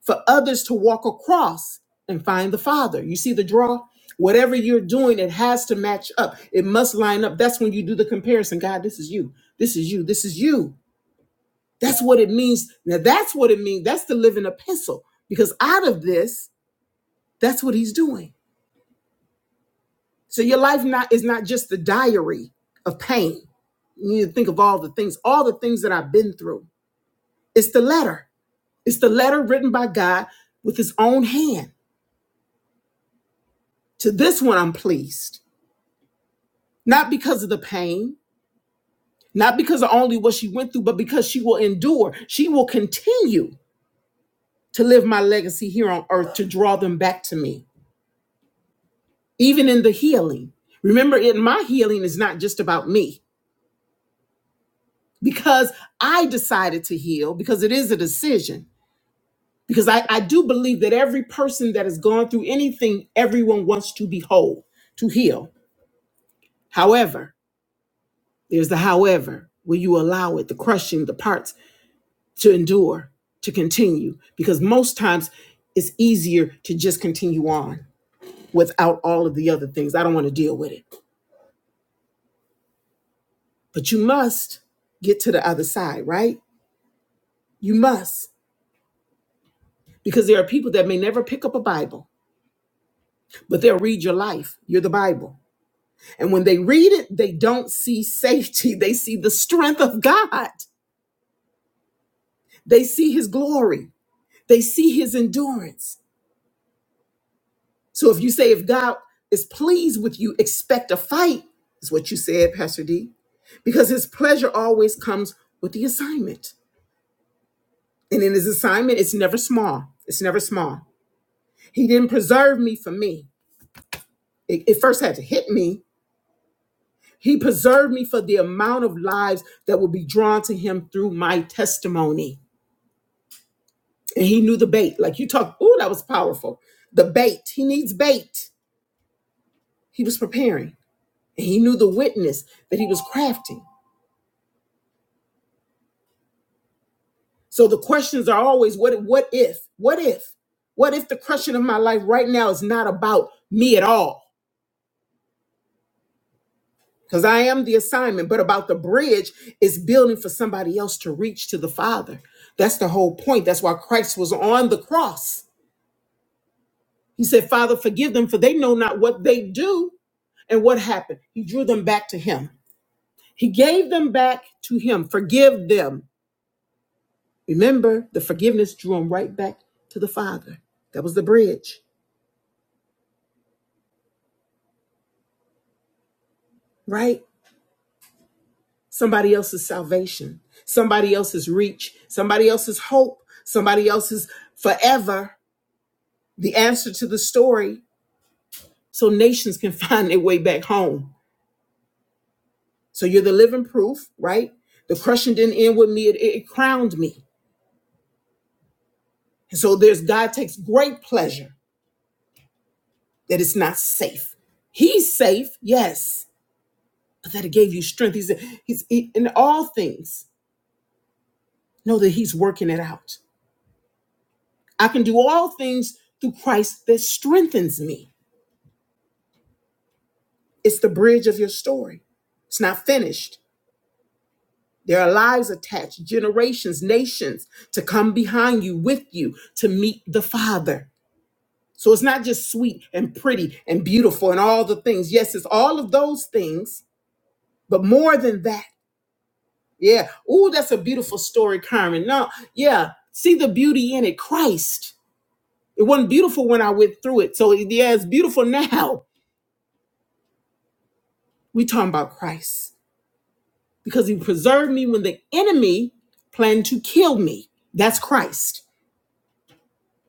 for others to walk across and find the Father. You see the draw? Whatever you're doing, it has to match up. It must line up. That's when you do the comparison. God, this is you. This is you. This is you. That's what it means. Now, that's what it means. That's the living epistle. Because out of this, that's what he's doing. So your life not is not just the diary of pain. You need to think of all the things, all the things that I've been through. It's the letter. It's the letter written by God with his own hand. To this one, I'm pleased. Not because of the pain, not because of only what she went through, but because she will endure. She will continue to live my legacy here on earth to draw them back to me, even in the healing. Remember, in my healing is not just about me because I decided to heal, because it is a decision. because I, I do believe that every person that has gone through anything, everyone wants to be whole, to heal. However, there's the however, where you allow it, the crushing, the parts to endure, to continue? Because most times it's easier to just continue on without all of the other things. I don't want to deal with it. But you must get to the other side, right? You must. Because there are people that may never pick up a Bible, but they'll read your life. You're the Bible And when they read it, they don't see safety. They see the strength of God. They see his glory. They see his endurance. So if you say, if God is pleased with you, expect a fight, is what you said, Pastor D, because his pleasure always comes with the assignment. And in his assignment, it's never small. It's never small. He didn't preserve me for me. It, it first had to hit me. He preserved me for the amount of lives that will be drawn to him through my testimony. and he knew the bait. Like you talk, oh, that was powerful. The bait. He needs bait. He was preparing, and he knew the witness that he was crafting. So the questions are always, what, what if, what if, what if the crushing of my life right now is not about me at all? Because I am the assignment, but about the bridge is building for somebody else to reach to the Father. That's the whole point. That's why Christ was on the cross. He said, Father, forgive them, for they know not what they do. And what happened? He drew them back to Him He gave them back to him. Forgive them. Remember, the forgiveness drew them right back to the Father. That was the bridge, right? Somebody else's salvation, somebody else's reach, somebody else's hope, somebody else's forever, the answer to the story, so nations can find their way back home. So you're the living proof, right? The crushing didn't end with me, it, it crowned me. And so there's God takes great pleasure that it's not safe. He's safe, yes that it gave you strength. He said, He's he- in all things, know that He's working it out. I can do all things through Christ that strengthens me. It's the bridge of your story. It's not finished. There are lives attached, generations, nations to come behind you, with you, to meet the Father. So it's not just sweet and pretty and beautiful and all the things. Yes, it's all of those things, but more than that. Yeah. Oh, that's a beautiful story, Carmen. No, yeah. See the beauty in it. Christ. It wasn't beautiful when I went through it. So yeah, it's beautiful now. We talking about Christ because He preserved me when the enemy planned to kill me. That's Christ.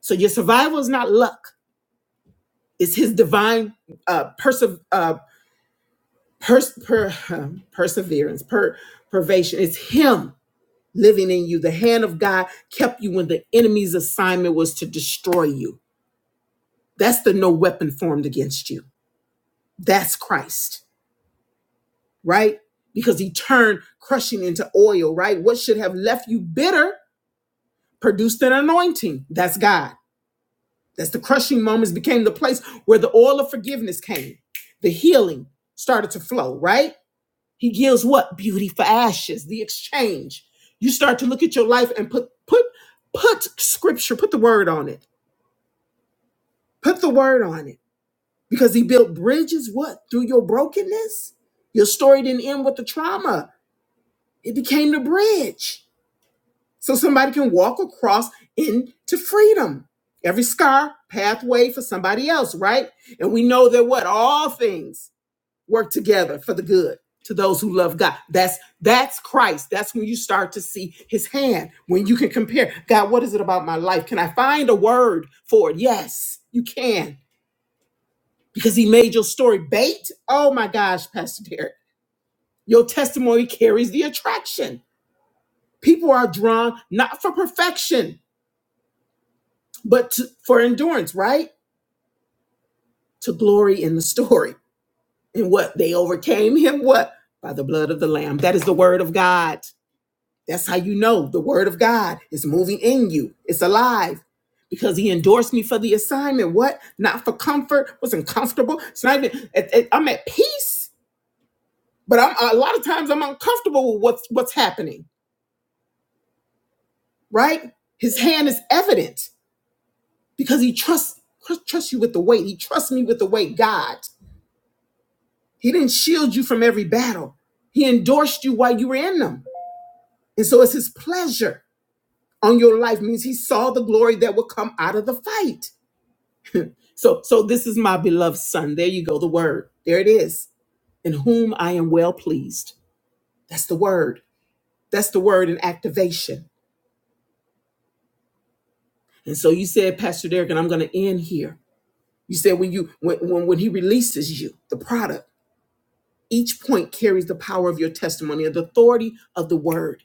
So your survival is not luck. It's His divine uh, perse- uh, pers- per- um, perseverance, per- pervasion. It's Him living in you. The hand of God kept you when the enemy's assignment was to destroy you. That's the no weapon formed against you. That's Christ. right? Because he turned crushing into oil, right? What should have left you bitter produced an anointing. That's God. That's the crushing moments became the place where the oil of forgiveness came. The healing started to flow, right? He gives what? Beauty for ashes, the exchange. You start to look at your life and put put put scripture, put the word on it. Put the word on it. Because he built bridges, what? Through your brokenness? Your story didn't end with the trauma. It became the bridge so somebody can walk across into freedom. Every scar, pathway for somebody else, right? And we know that what all things work together for the good to those who love God. That's that's Christ. That's when you start to see his hand. When you can compare, God, what is it about my life? Can I find a word for it? Yes, you can. Because he made your story bait. Oh my gosh, Pastor Derek. Your testimony carries the attraction. People are drawn not for perfection, but to, for endurance, right? To glory in the story. And what? They overcame him what? By the blood of the lamb. That is the word of God. That's how you know the word of God is moving in you. It's alive. Because he endorsed me for the assignment. What? Not for comfort. Wasn't comfortable. It's not even. It, it- I'm at peace, but I'm a lot of times I'm uncomfortable with what's what's happening. Right? His hand is evident because he trusts trusts you with the weight. He trusts me with the weight, God. He didn't shield you from every battle. He endorsed you while you were in them. And so it's his pleasure on your life means he saw the glory that will come out of the fight. So so this is my beloved son. There you go the word. There it is. In whom I am well pleased. That's the word. That's the word in activation. And so you said Pastor Derek and I'm going to end here. You said when you when, when when he releases you the product each point carries the power of your testimony and the authority of the word.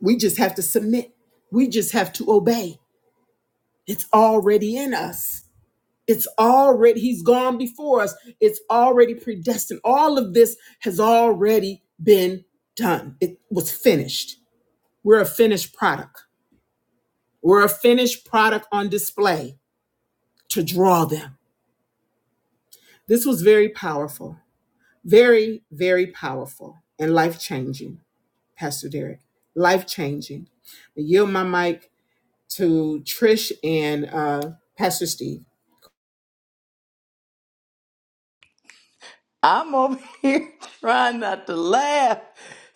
We just have to submit. We just have to obey. It's already in us. It's already, He's gone before us. It's already predestined. All of this has already been done. It was finished. We're a finished product. We're a finished product on display to draw them. This was very powerful, very, very powerful and life changing, Pastor Derek. Life changing. Yield my mic to Trish and uh, Pastor Steve. I'm over here trying not to laugh.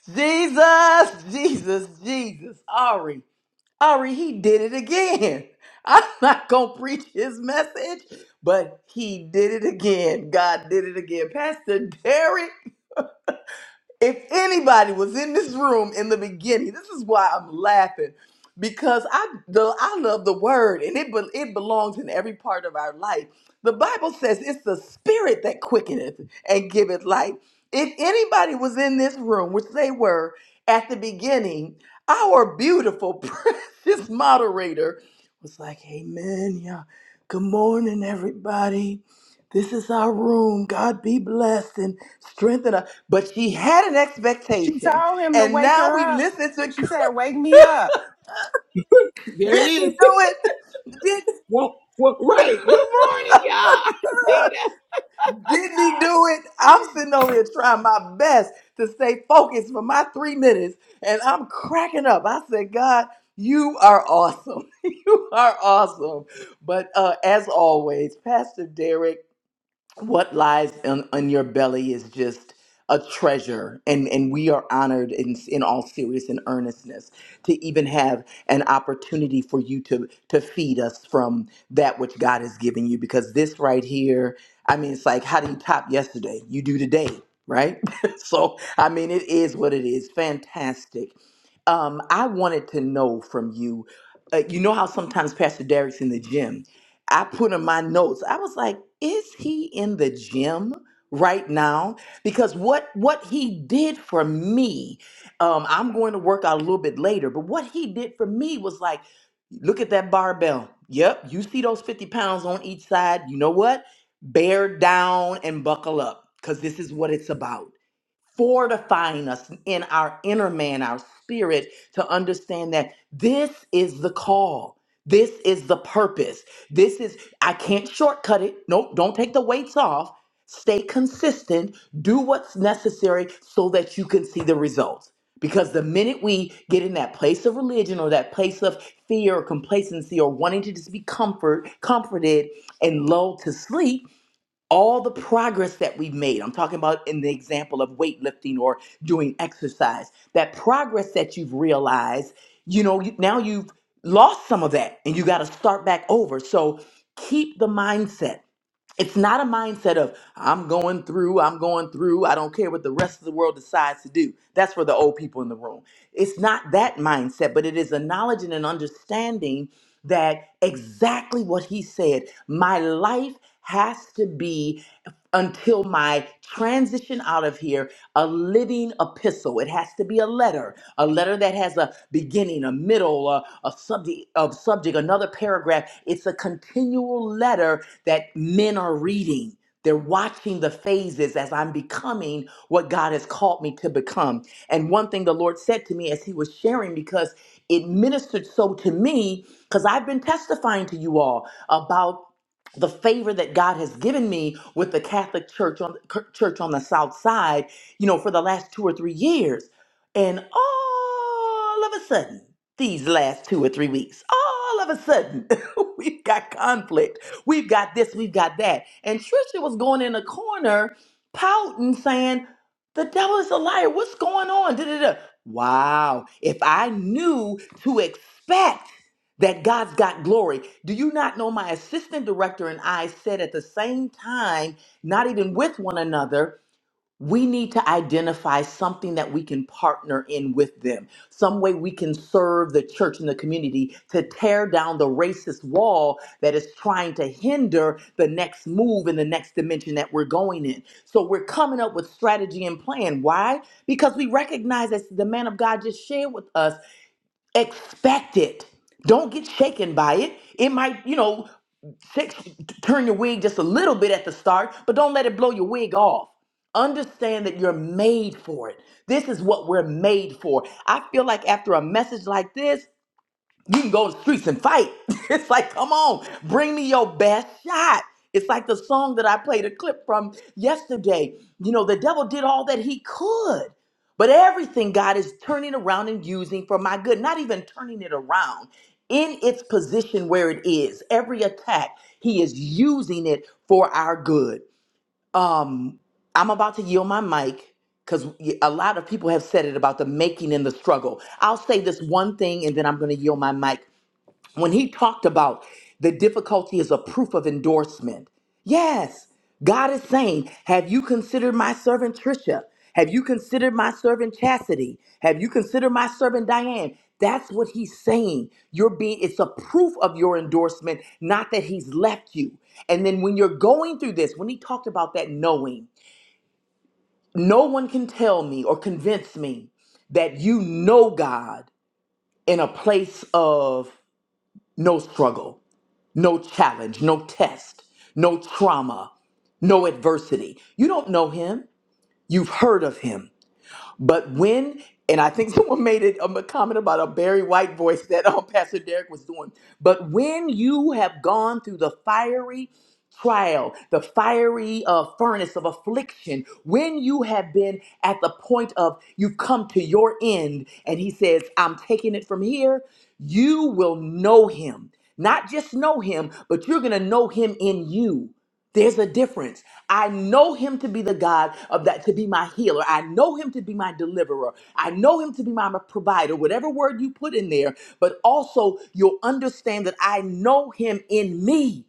Jesus, Jesus, Jesus. Ari, Ari, he did it again. I'm not going to preach his message, but he did it again. God did it again. Pastor Derek. if anybody was in this room in the beginning, this is why I'm laughing because I the, I love the word and it be- it belongs in every part of our life. The Bible says it's the spirit that quickeneth and giveth life. If anybody was in this room, which they were at the beginning, our beautiful precious moderator was like, "Amen, yeah. Good morning, everybody. This is our room. God be blessed and strengthen us." But she had an She expectation, told him to and wake now her we up. listen to. She said, "Wake me up." There it Didn't he do is. it? Did, Well, well, right. Good morning, y'all. Nita. didn't he do it? I'm sitting over here trying my best to stay focused for my three minutes, and I'm cracking up. I said, God, you are awesome. you are awesome. But uh, as always, Pastor Derek. what lies in, in your belly is just a treasure and and we are honored in in all serious and earnestness to even have an opportunity for you to to feed us from that which God has given you because this right here I mean it's like how do you top yesterday you do today right so I mean it is what it is fantastic um I wanted to know from you uh, you know how sometimes Pastor Derek's in the gym I put in my notes. I was like, is he in the gym right now? Because what what he did for me, um, I'm going to work out a little bit later, but what he did for me was like, look at that barbell. Yep, you see those 50 pounds on each side. You know what? Bear down and buckle up because this is what it's about fortifying us in our inner man, our spirit, to understand that this is the call. This is the purpose. This is, I can't shortcut it. Nope, don't take the weights off. Stay consistent. Do what's necessary so that you can see the results. Because the minute we get in that place of religion or that place of fear or complacency or wanting to just be comfort, comforted and lulled to sleep, all the progress that we've made, I'm talking about in the example of weightlifting or doing exercise, that progress that you've realized, you know, you- now you've lost some of that and you got to start back over. So keep the mindset. It's not a mindset of, I'm going through, I'm going through, I don't care what the rest of the world decides to do. That's for the old people in the room. It's not that mindset, but it is a knowledge and an understanding that exactly what he said my life has to be until my transition out of here a living epistle. It has to be a letter, a letter that has a beginning, a middle, a, a subject, a subject, another paragraph. It's a continual letter that men are reading. They're watching the phases as I'm becoming what God has called me to become. And one thing the Lord said to me as He was sharing, because it ministered so to me, because I've been testifying to you all about the favor that God has given me with the Catholic Church on church on the South Side you know, for the last two or three years. And all of a sudden, these last two or three weeks, all of a sudden, we've got conflict. We've got this, we've got that. And Trisha was going in a corner, pouting, saying, The devil is a liar. What's going on? Da-da-da. Wow. If I knew to expect that God's got glory. Do you not know my assistant director and I said at the same time, not even with one another? we need to identify something that we can partner in with them, some way we can serve the church and the community to tear down the racist wall that is trying to hinder the next move in the next dimension that we're going in. So we're coming up with strategy and plan. Why? Because we recognize as the man of God just shared with us, expect it. Don't get shaken by it. It might, you know, Shake, turn your wig just a little bit at the start, but don't let it blow your wig off. Understand that you're made for it. This is what we're made for. I feel like after a message like this, you can go in the streets and fight. it's like, come on, bring me your best shot. It's like the song that I played a clip from yesterday. You know, the devil did all that he could, but everything God is turning around and using for my good, not even turning it around. In its position where it is, every attack, he is using it for our good. Um, I'm about to yield my mic because a lot of people have said it about the making and the struggle. I'll say this one thing and then I'm going to yield my mic when he talked about the difficulty is a proof of endorsement. Yes, God is saying, Have you considered my servant Trisha? Have you considered my servant Chastity? Have you considered my servant Diane? That's what he's saying. You're being it's a proof of your endorsement, not that he's left you. And then when you're going through this, when he talked about that knowing, no one can tell me or convince me that you know God in a place of no struggle no challenge, no test, no trauma, no adversity. You don't know him, you've heard of him. But when, and I think someone made it um, a comment about a Barry White voice that um, Pastor Derek was doing, but when you have gone through the fiery trial, the fiery uh, furnace of affliction, when you have been at the point of you've come to your end, and He says, I'm taking it from here, you will know Him. Not just know Him, but you're going to know Him in you. There's a difference. I know him to be the God of that, to be my healer. I know him to be my deliverer. I know him to be my provider, whatever word you put in there. But also, you'll understand that I know him in me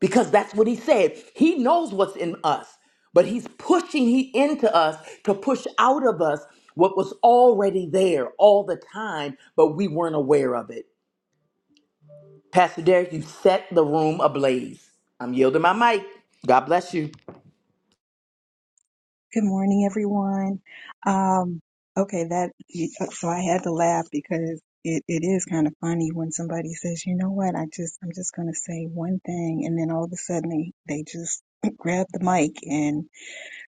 because that's what he said. He knows what's in us, but he's pushing he into us to push out of us what was already there all the time, but we weren't aware of it. Pastor Derek, you set the room ablaze. I'm yielding my mic. God bless you. Good morning, everyone. Um, okay, that so I had to laugh because it, it is kind of funny when somebody says, "You know what? I just I'm just going to say one thing," and then all of a sudden they they just grab the mic and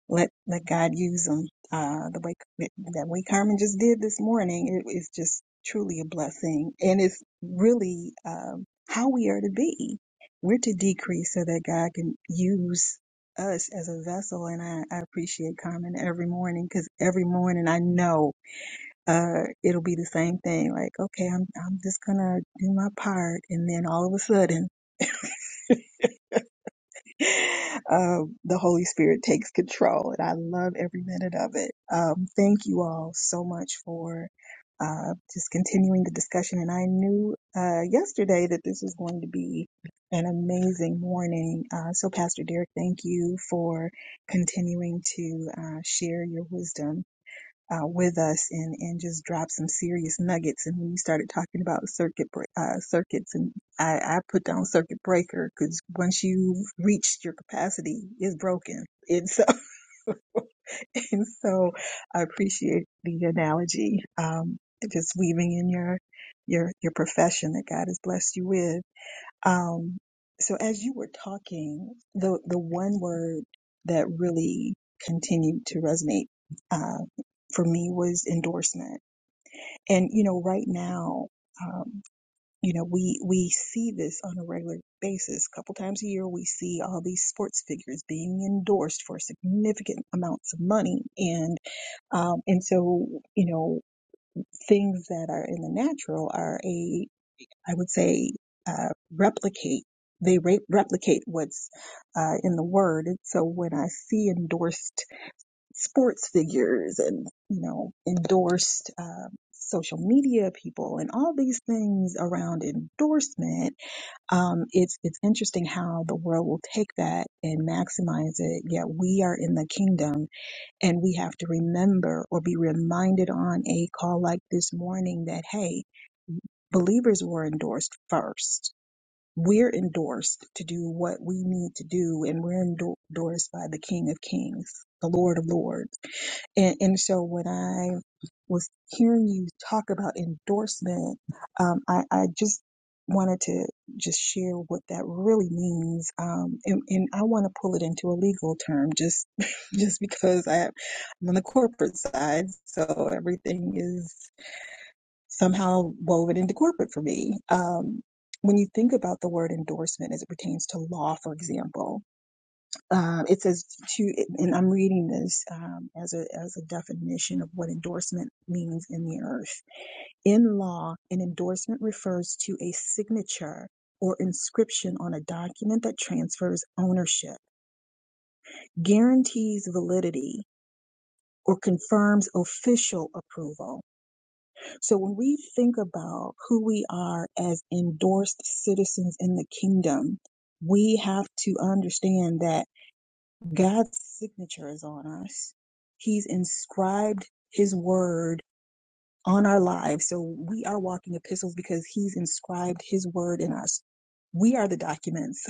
let let God use them. Uh, the way that way Carmen just did this morning it is just truly a blessing, and it's really um, how we are to be. We're to decrease so that God can use us as a vessel. And I, I appreciate Carmen every morning because every morning I know uh, it'll be the same thing. Like, okay, I'm I'm just gonna do my part, and then all of a sudden um, the Holy Spirit takes control, and I love every minute of it. Um, thank you all so much for uh, just continuing the discussion. And I knew uh, yesterday that this was going to be an amazing morning. Uh, so, Pastor Derek, thank you for continuing to uh, share your wisdom uh, with us and and just dropped some serious nuggets. And when you started talking about circuit bre- uh, circuits, and I, I put down circuit breaker because once you have reached your capacity, it's broken. And so and so I appreciate the analogy, um, just weaving in your your your profession that God has blessed you with. Um, so as you were talking, the the one word that really continued to resonate uh, for me was endorsement and, you know, right now, um, you know, we, we see this on a regular basis. A couple times a year, we see all these sports figures being endorsed for significant amounts of money. And, um, and so, you know, things that are in the natural are a, I would say, uh, replicate. They re- replicate what's uh, in the word. And so when I see endorsed sports figures and you know endorsed uh, social media people and all these things around endorsement um, it's it's interesting how the world will take that and maximize it yet we are in the kingdom and we have to remember or be reminded on a call like this morning that hey believers were endorsed first we're endorsed to do what we need to do and we're endor- endorsed by the king of kings the lord of lords and, and so when I was hearing you talk about endorsement, um, I, I just wanted to just share what that really means. Um, and, and I want to pull it into a legal term just, just because I, I'm on the corporate side. So everything is somehow woven into corporate for me. Um, when you think about the word endorsement as it pertains to law, for example, um, it says to, and I'm reading this um, as a as a definition of what endorsement means in the earth. In law, an endorsement refers to a signature or inscription on a document that transfers ownership, guarantees validity, or confirms official approval. So when we think about who we are as endorsed citizens in the kingdom, we have to understand that. God's signature is on us. He's inscribed his word on our lives. So we are walking epistles because he's inscribed his word in us. We are the documents.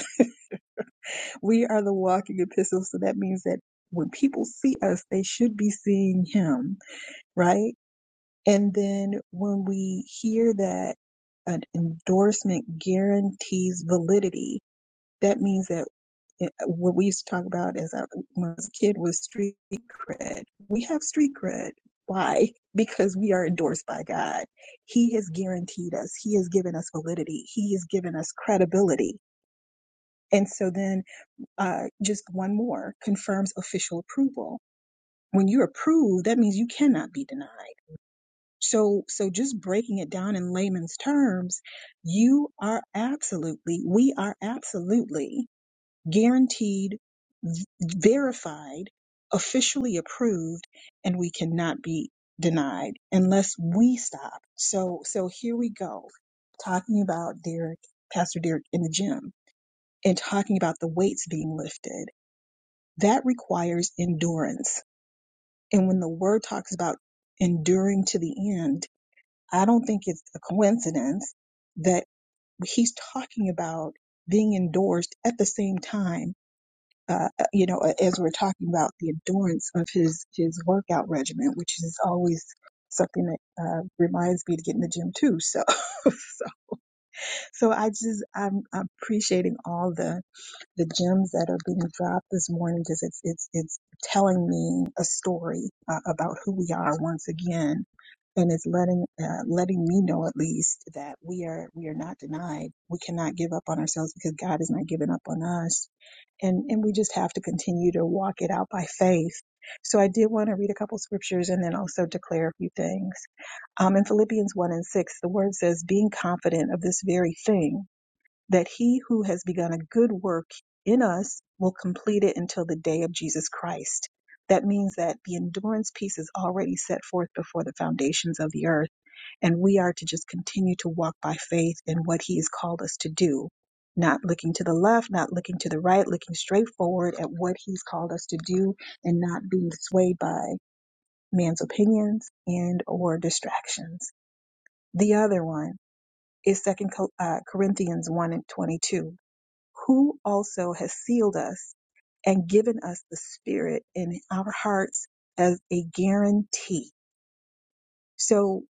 we are the walking epistles. So that means that when people see us, they should be seeing him, right? And then when we hear that an endorsement guarantees validity, that means that it- what we used to talk about as I, when I was a kid was street cred. We have street cred. Why? Because we are endorsed by God. He has guaranteed us. He has given us validity. He has given us credibility. And so then, uh, just one more confirms official approval. When you're approved, that means you cannot be denied. So, so just breaking it down in layman's terms, you are absolutely, we are absolutely guaranteed, v- verified, officially approved, and we cannot be denied unless we stop. So, so here we go, talking about Derek, Pastor Derek in the gym, and talking about the weights being lifted. That requires endurance. And when the word talks about enduring to the end, I don't think it's a coincidence that he's talking about being endorsed at the same time uh, uh, you know, as we're talking about the endurance of his his workout regimen, which is always something that uh, reminds me to get in the gym too. So, so, so I just I'm, I'm appreciating all the the gems that are being dropped this morning because it's it's it's telling me a story uh, about who we are once again and it's letting uh, letting me know at least that we are we are not denied we cannot give up on ourselves because god is not giving up on us and and we just have to continue to walk it out by faith so i did want to read a couple scriptures and then also declare a few things um, in philippians 1 and 6 the word says being confident of this very thing that he who has begun a good work in us will complete it until the day of Jesus Christ. That means that the endurance piece is already set forth before the foundations of the earth, and we are to just continue to walk by faith in what he has called us to do, not looking to the left, not looking to the right, looking straight forward at what he's called us to do and not being swayed by man's opinions and or distractions. The other one is second uh, Corinthians 1 and 22 who also has sealed us and given us the Spirit in our hearts as a guarantee. So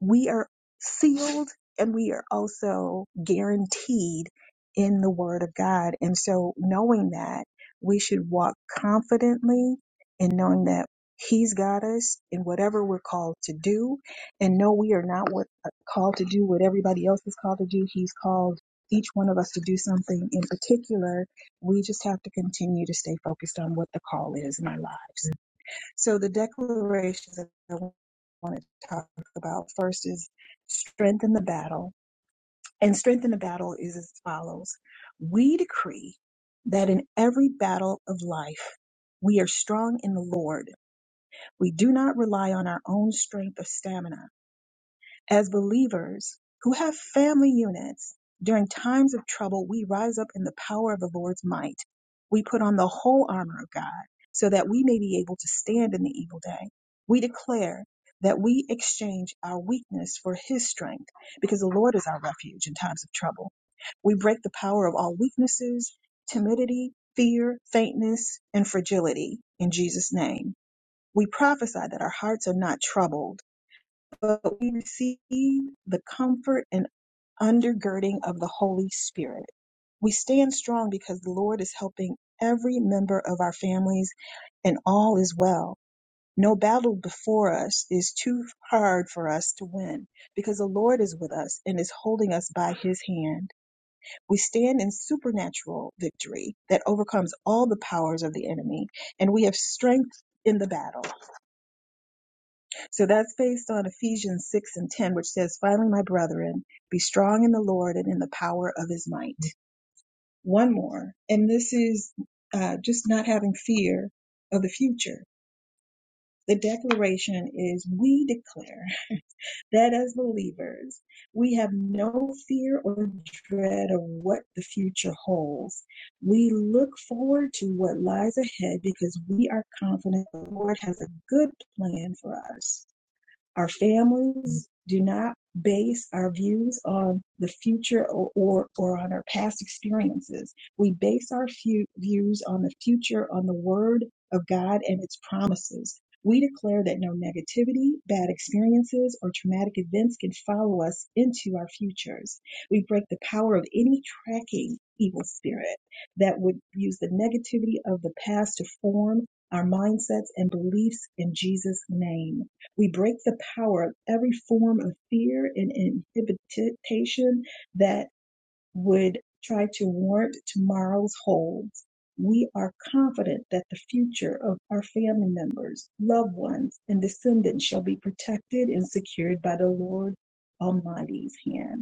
we are sealed and we are also guaranteed in the word of God. And so knowing that we should walk confidently and knowing that he's got us in whatever we're called to do and no, we are not what uh, called to do what everybody else is called to do. He's called each one of us to do something in particular. We just have to continue to stay focused on what the call is in our lives. So the declarations that I want to talk about first is strength in the battle. And strength in the battle is as follows. We decree that in every battle of life, we are strong in the Lord. We do not rely on our own strength or stamina. As believers who have family units, during times of trouble, we rise up in the power of the Lord's might. We put on the whole armor of God so that we may be able to stand in the evil day. We declare that we exchange our weakness for his strength because the Lord is our refuge in times of trouble. We break the power of all weaknesses, timidity, fear, faintness, and fragility in Jesus' name. We prophesy that our hearts are not troubled but we receive the comfort and undergirding of the Holy Spirit. We stand strong because the Lord is helping every member of our families and all is well. No battle before us is too hard for us to win because the Lord is with us and is holding us by his hand. We stand in supernatural victory that overcomes all the powers of the enemy and we have strength in the battle. So that's based on Ephesians 6 and 10, which says, Finally, my brethren, be strong in the Lord and in the power of his might. One more, and this is uh, just not having fear of the future. The declaration is we declare that as believers, we have no fear or dread of what the future holds. We look forward to what lies ahead because we are confident the Lord has a good plan for us. Our families do not base our views on the future or, or, or on our past experiences. We base our few views on the future, on the word of God and its promises. We declare that no negativity, bad experiences, or traumatic events can follow us into our futures. We break the power of any tracking evil spirit that would use the negativity of the past to form our mindsets and beliefs in Jesus' name. We break the power of every form of fear and inhibition that would try to warrant tomorrow's holds. We are confident that the future of our family members, loved ones, and descendants shall be protected and secured by the Lord Almighty's hand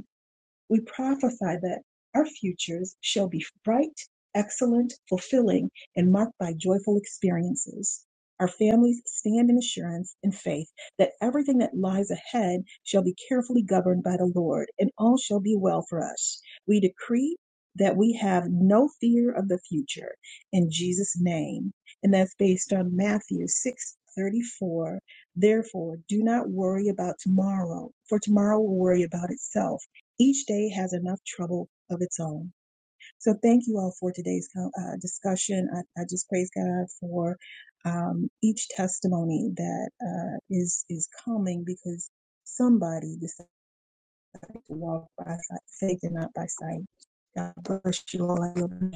we prophesy that our futures shall be bright, excellent, fulfilling, and marked by joyful experiences. Our families stand in assurance and faith that everything that lies ahead shall be carefully governed by the Lord, and all shall be well for us. We decree that we have no fear of the future in Jesus' name. And that's based on Matthew 6 34. Therefore, do not worry about tomorrow, for tomorrow will worry about itself. Each day has enough trouble of its own. So thank you all for today's uh, discussion. I, I just praise God for um, each testimony that uh, is is coming because somebody decided to walk by si-, faith and not by sight. God bless you all.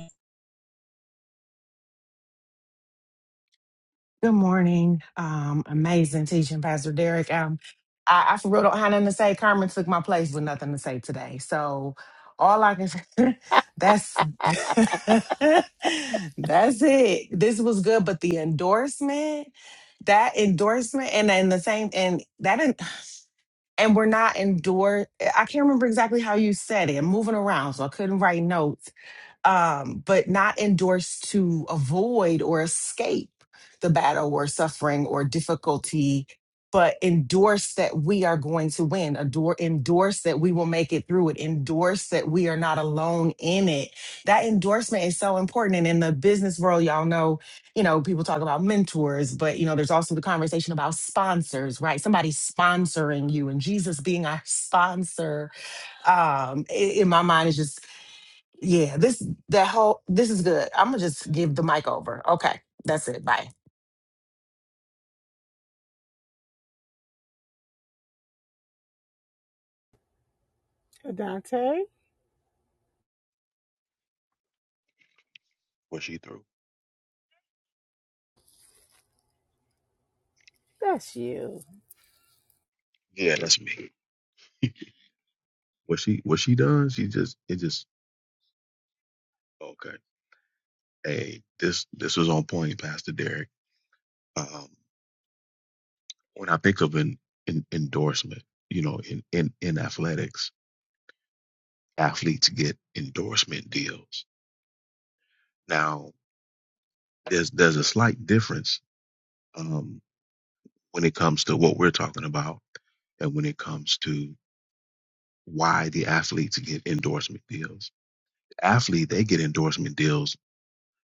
Good morning. Um, amazing teaching, Pastor Derek. Um, I, I for real don't have nothing to say. Carmen took my place with nothing to say today, so all I can say that's that's it. This was good, but the endorsement, that endorsement, and then the same, and that, en- and we're not endorsed. I can't remember exactly how you said it. I'm moving around, so I couldn't write notes um, but not endorsed to avoid or escape the battle or suffering or difficulty, but endorse that we are going to win, adore, endorse that we will make it through it, endorse that we are not alone in it. That endorsement is so important. And in the business world, y'all know, you know, people talk about mentors, but you know, there's also the conversation about sponsors, right? Somebody sponsoring you and Jesus being our sponsor um i- in my mind is just yeah, this that whole this is good. I'm gonna just give the mic over. Okay, that's it. Bye. Dante, What she through? that's you. Yeah, that's me. What she what she does? She just it just okay. Hey, this this was on point, Pastor Derek. Um, when I think of an, an endorsement, you know, in in in athletics, athletes get endorsement deals. Now, there's there's a slight difference um, when it comes to what we're talking about, and when it comes to why the athletes get endorsement deals. Athlete, they get endorsement deals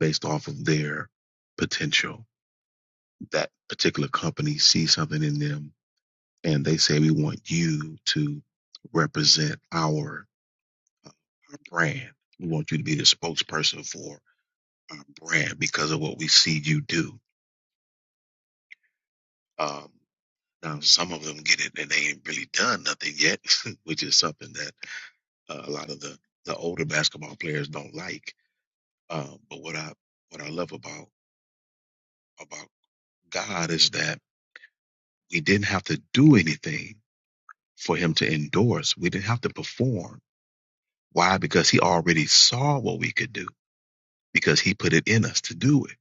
based off of their potential that particular company sees something in them and they say, we want you to represent our, uh, our brand. We want you to be the spokesperson for our brand because of what we see you do. Um, now, some of them get it and they ain't really done nothing yet, which is something that uh, a lot of the, the older basketball players don't like. Um, but what I what I love about about God is that we didn't have to do anything for Him to endorse. We didn't have to perform Why? Because he already saw what we could do because he put it in us to do it.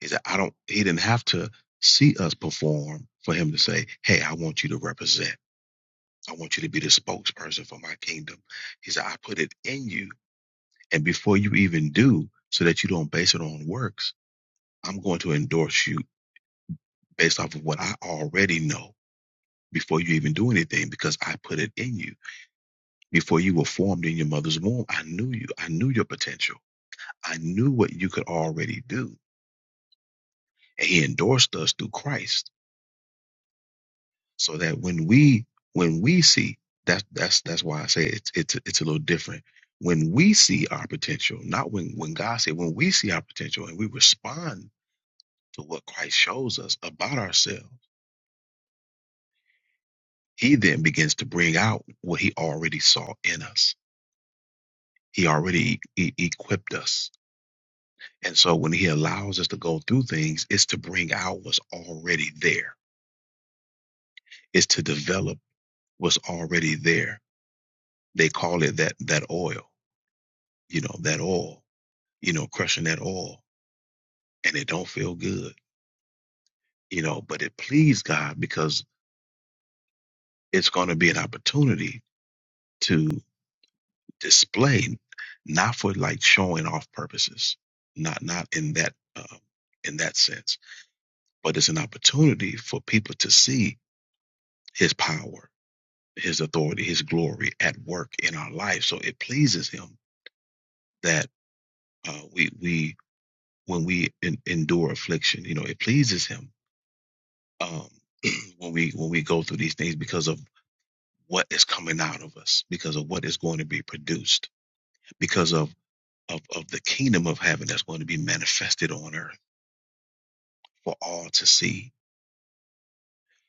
He said, I don't, he didn't have to see us perform for him to say, Hey, I want you to represent. I want you to be the spokesperson for my kingdom. He said, I put it in you. And before you even do, so that you don't base it on works, I'm going to endorse you based off of what I already know before you even do anything because I put it in you. Before you were formed in your mother's womb, I knew you. I knew your potential. I knew what you could already do and he endorsed us through Christ so that when we when we see that's that's that's why I say it's it's it's a little different when we see our potential not when when God said when we see our potential and we respond to what Christ shows us about ourselves he then begins to bring out what he already saw in us he already e- e, equipped us and so when he allows us to go through things it's to bring out what's already there it's to develop what's already there They call it that that oil, you know, that oil, you know, crushing that oil, and it don't feel good, you know, but it pleased God because it's going to be an opportunity to display, not for like showing off purposes, not not in that uh, in that sense, but it's an opportunity for people to see His power, His authority, His glory at work in our life. So it pleases Him that uh, we we when we en endure affliction, you know, it pleases Him um, when we when we go through these things because of what is coming out of us, because of what is going to be produced, because of of, of the kingdom of heaven that's going to be manifested on earth for all to see.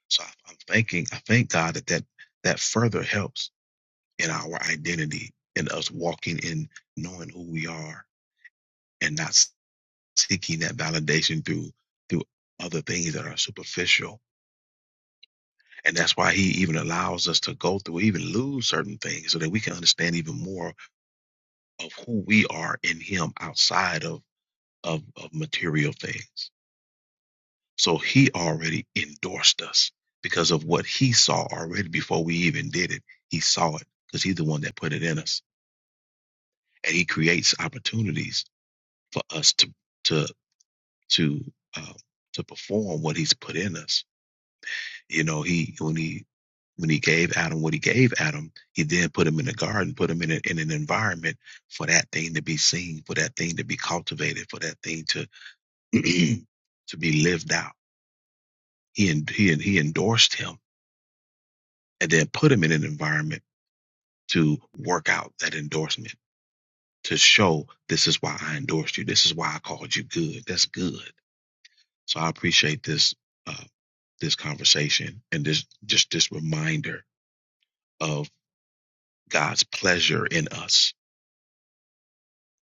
So I, I'm thanking I thank God that that that further helps in our identity in us walking in knowing who we are and not seeking that validation through through other things that are superficial And that's why he even allows us to go through, even lose certain things, so that we can understand even more of who we are in him outside of, of, of material things. So he already endorsed us because of what he saw already before we even did it. He saw it because he's the one that put it in us. And he creates opportunities for us to to to uh, to perform what he's put in us You know, he when he when he gave Adam what he gave Adam, he then put him in a garden, put him in, a, in an environment for that thing to be seen, for that thing to be cultivated, for that thing to to be lived out. He en- he en- he endorsed him and then put him in an environment to work out that endorsement to show this is why I endorsed you. This is why I called you good. That's good. So I appreciate this uh, this conversation and this just this reminder of God's pleasure in us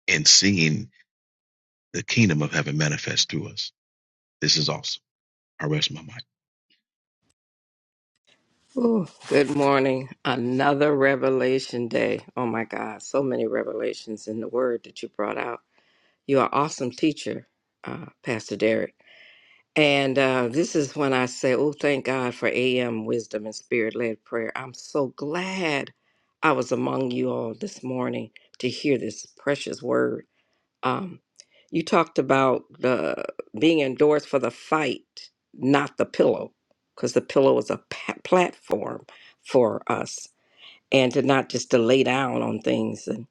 and seeing the kingdom of heaven manifest through us. This is awesome. I rest my mind. Ooh, good morning. Another revelation day. Oh my God, so many revelations in the word that you brought out. You are awesome teacher, uh, Pastor Derek. And uh, this is when I say, oh, thank God for AM wisdom and spirit led prayer. I'm so glad I was among you all this morning to hear this precious word. Um, you talked about the being endorsed for the fight, not the pillow, because the pillow is a pa- platform for us, and to not just to lay down on things and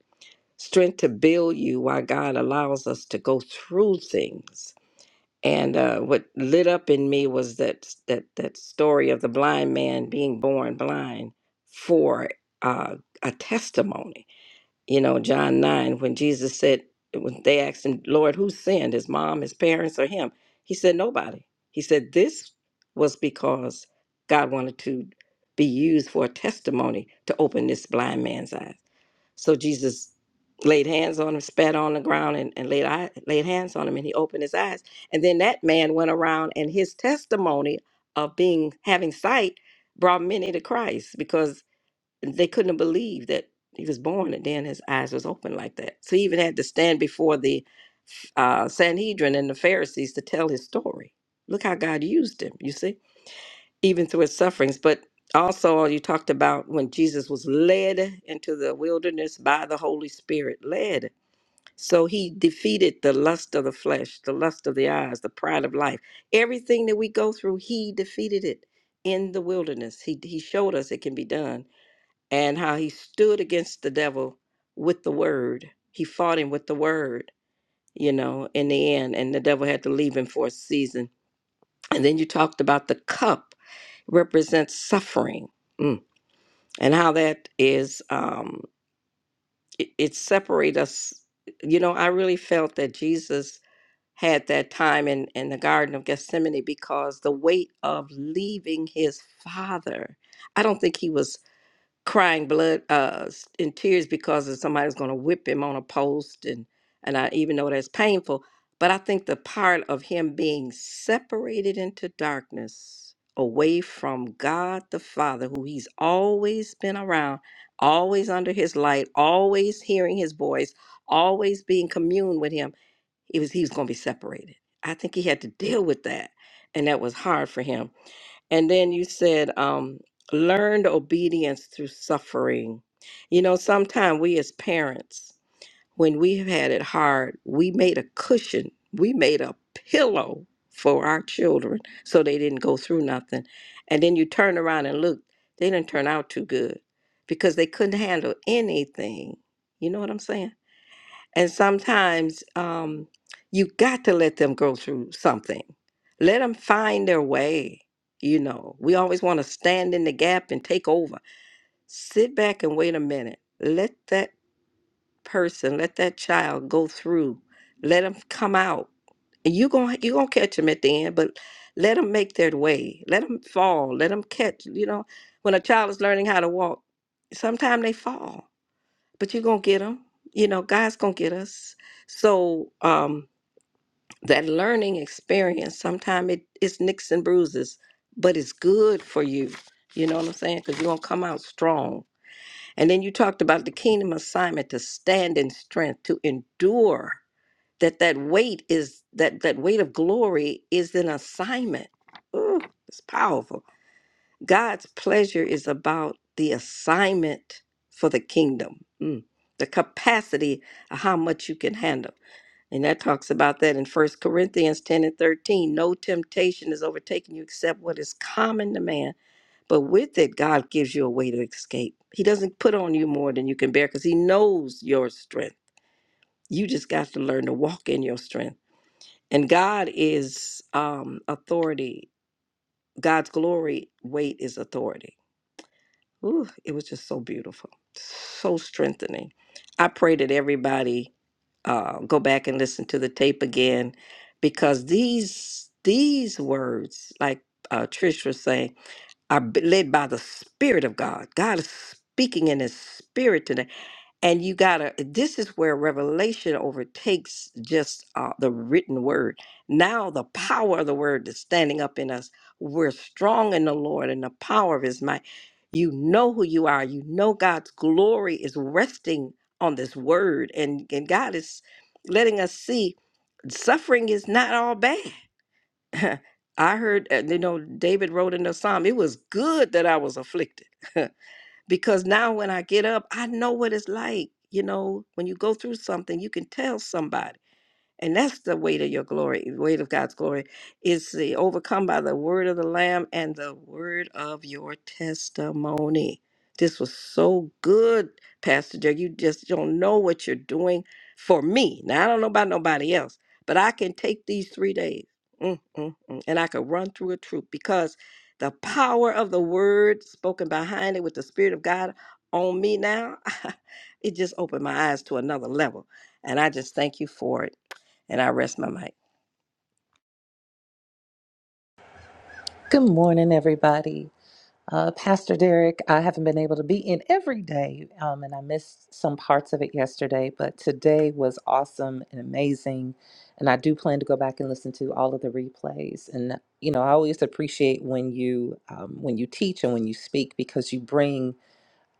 strength to build you while God allows us to go through things. And uh, what lit up in me was that that that story of the blind man being born blind for uh, a testimony you know, John 9, when Jesus said, when they asked him, Lord, who sinned, his mom, his parents, or him? He said, nobody. He said, this was because God wanted to be used for a testimony to open this blind man's eyes. So Jesus laid hands on him, spat on the ground, and, and laid, eye, laid hands on him, and he opened his eyes. And then that man went around, and his testimony of being having sight brought many to Christ because they couldn't believe that he was born and then his eyes was open like that. So he even had to stand before the uh, Sanhedrin and the Pharisees to tell his story. Look how God used him, you see, even through his sufferings. But also, you talked about when Jesus was led into the wilderness by the Holy Spirit, led. So he defeated the lust of the flesh, the lust of the eyes, the pride of life. Everything that we go through, he defeated it in the wilderness. He, he showed us it can be done and how he stood against the devil with the word. He fought him with the word, you know, in the end, and the devil had to leave him for a season. And then you talked about the cup represents suffering mm, and how that is, um, it, it separates us. You know, I really felt that Jesus had that time in, in the Garden of Gethsemane because the weight of leaving his father. I don't think he was crying blood uh s- in tears because of somebody's going to whip him on a post and and I even though that's painful but I think the part of him being separated into darkness away from God the Father who he's always been around always under his light always hearing his voice always being commune with him it was he was going to be separated I think he had to deal with that and that was hard for him and then you said, um, learned obedience through suffering. You know, sometimes we as parents, when we've had it hard, we made a cushion, we made a pillow for our children so they didn't go through nothing. And then you turn around and look, they didn't turn out too good because they couldn't handle anything. You know what I'm saying? And sometimes um, you got to let them go through something. Let them find their way. You know, we always want to stand in the gap and take over. Sit back and wait a minute. Let that person, let that child go through. Let them come out. And you going you gonna catch them at the end, but let them make their way. Let them fall. Let them catch. You know, when a child is learning how to walk, sometimes they fall but you're gonna get them you know god's gonna get us so um that learning experience sometimes it, it's nicks and bruises but it's good for you you know what i'm saying because you're gonna come out strong and then you talked about the kingdom assignment to stand in strength to endure that that weight is that that weight of glory is an assignment Ooh, it's powerful God's pleasure is about the assignment for the kingdom, mm, the capacity of how much you can handle. And that talks about that in First Corinthians 10 and 13. No temptation is overtaking you except what is common to man. But with it, God gives you a way to escape. He doesn't put on you more than you can bear because He knows your strength. You just got to learn to walk in your strength. And God is um, authority. God's glory weight is authority. Ooh, it was just so beautiful, so strengthening. I pray that everybody uh, go back and listen to the tape again because these these words, like uh, Trish was saying, are b- led by the Spirit of God. God is speaking in His Spirit today and you gotta this is where revelation overtakes just uh, the written word now the power of the word is standing up in us we're strong in the lord and the power of his might you know who you are you know god's glory is resting on this word and and god is letting us see suffering is not all bad i heard uh, you know david wrote in the psalm it was good that i was afflicted because now when I get up, I know what it's like. You know, when you go through something, you can tell somebody and that's the weight of your glory, weight of God's glory, is the overcome by the word of the Lamb and the word of your testimony. This was so good, Pastor Joe. You just don't know what you're doing for me. Now I don't know about nobody else, but I can take these three days mm, mm, mm, and I could run through a troop because the power of the word spoken behind it with the Spirit of God on me now, it just opened my eyes to another level. And I just thank you for it. And I rest my mic. Good morning, everybody. Uh, Pastor Derek, I haven't been able to be in every day, um, and I missed some parts of it yesterday, but today was awesome and amazing. And I do plan to go back and listen to all of the replays. And you know, I always appreciate when you um, when you teach and when you speak because you bring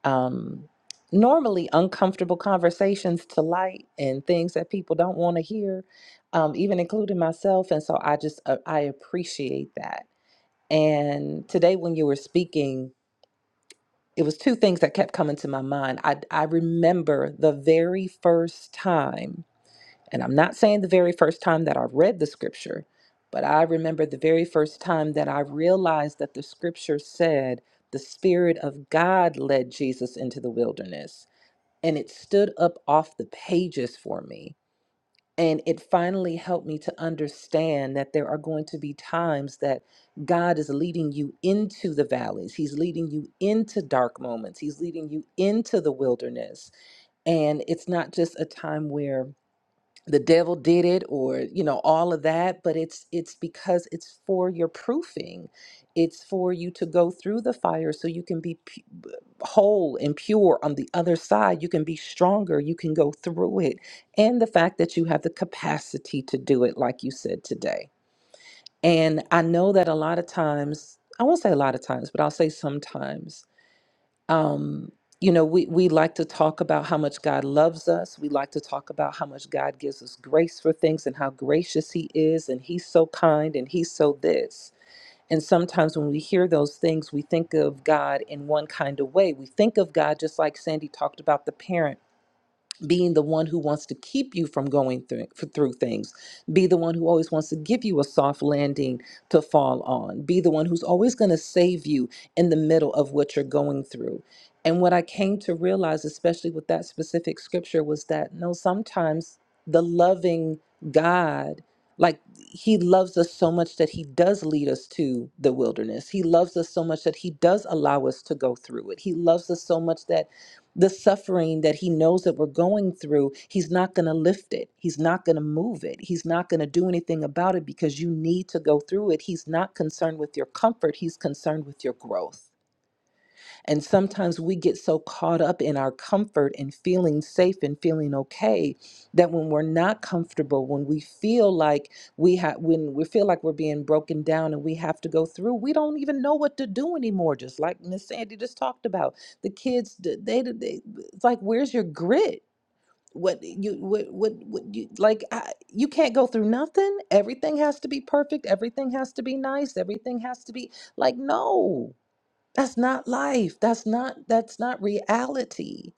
um, normally uncomfortable conversations to light and things that people don't want to hear, um, even including myself. And so I just uh, I appreciate that and today, when you were speaking, it was two things that kept coming to my mind. I, I remember the very first time, and I'm not saying the very first time that I read the scripture, but I remember the very first time that I realized that the scripture said the Spirit of God led Jesus into the wilderness. And it stood up off the pages for me and it finally helped me to understand that there are going to be times that God is leading you into the valleys. He's leading you into dark moments. He's leading you into the wilderness. And it's not just a time where the devil did it or you know all of that but it's it's because it's for your proofing it's for you to go through the fire so you can be pu- b- whole and pure on the other side you can be stronger you can go through it and the fact that you have the capacity to do it like you said today and i know that a lot of times i won't say a lot of times but i'll say sometimes um, you know, we, we like to talk about how much God loves us. We like to talk about how much God gives us grace for things and how gracious He is, and He's so kind and He's so this. And sometimes when we hear those things, we think of God in one kind of way. We think of God just like Sandy talked about the parent being the one who wants to keep you from going through, through things. Be the one who always wants to give you a soft landing to fall on. Be the one who's always going to save you in the middle of what you're going through. And what I came to realize, especially with that specific scripture, was that no, sometimes the loving God, like He loves us so much that He does lead us to the wilderness. He loves us so much that He does allow us to go through it. He loves us so much that the suffering that he knows that we're going through, he's not going to lift it. He's not going to move it. He's not going to do anything about it because you need to go through it. He's not concerned with your comfort, he's concerned with your growth. And sometimes we get so caught up in our comfort and feeling safe and feeling okay that when we're not comfortable, when we feel like we have, when we feel like we're being broken down and we have to go through, we don't even know what to do anymore. Just like Miss Sandy just talked about, the kids, d- they, they, it's like, where's your grit? What you what what, what you like? I, you can't go through nothing. Everything has to be perfect. Everything has to be nice. Everything has to be like no. That's not life. That's not that's not reality.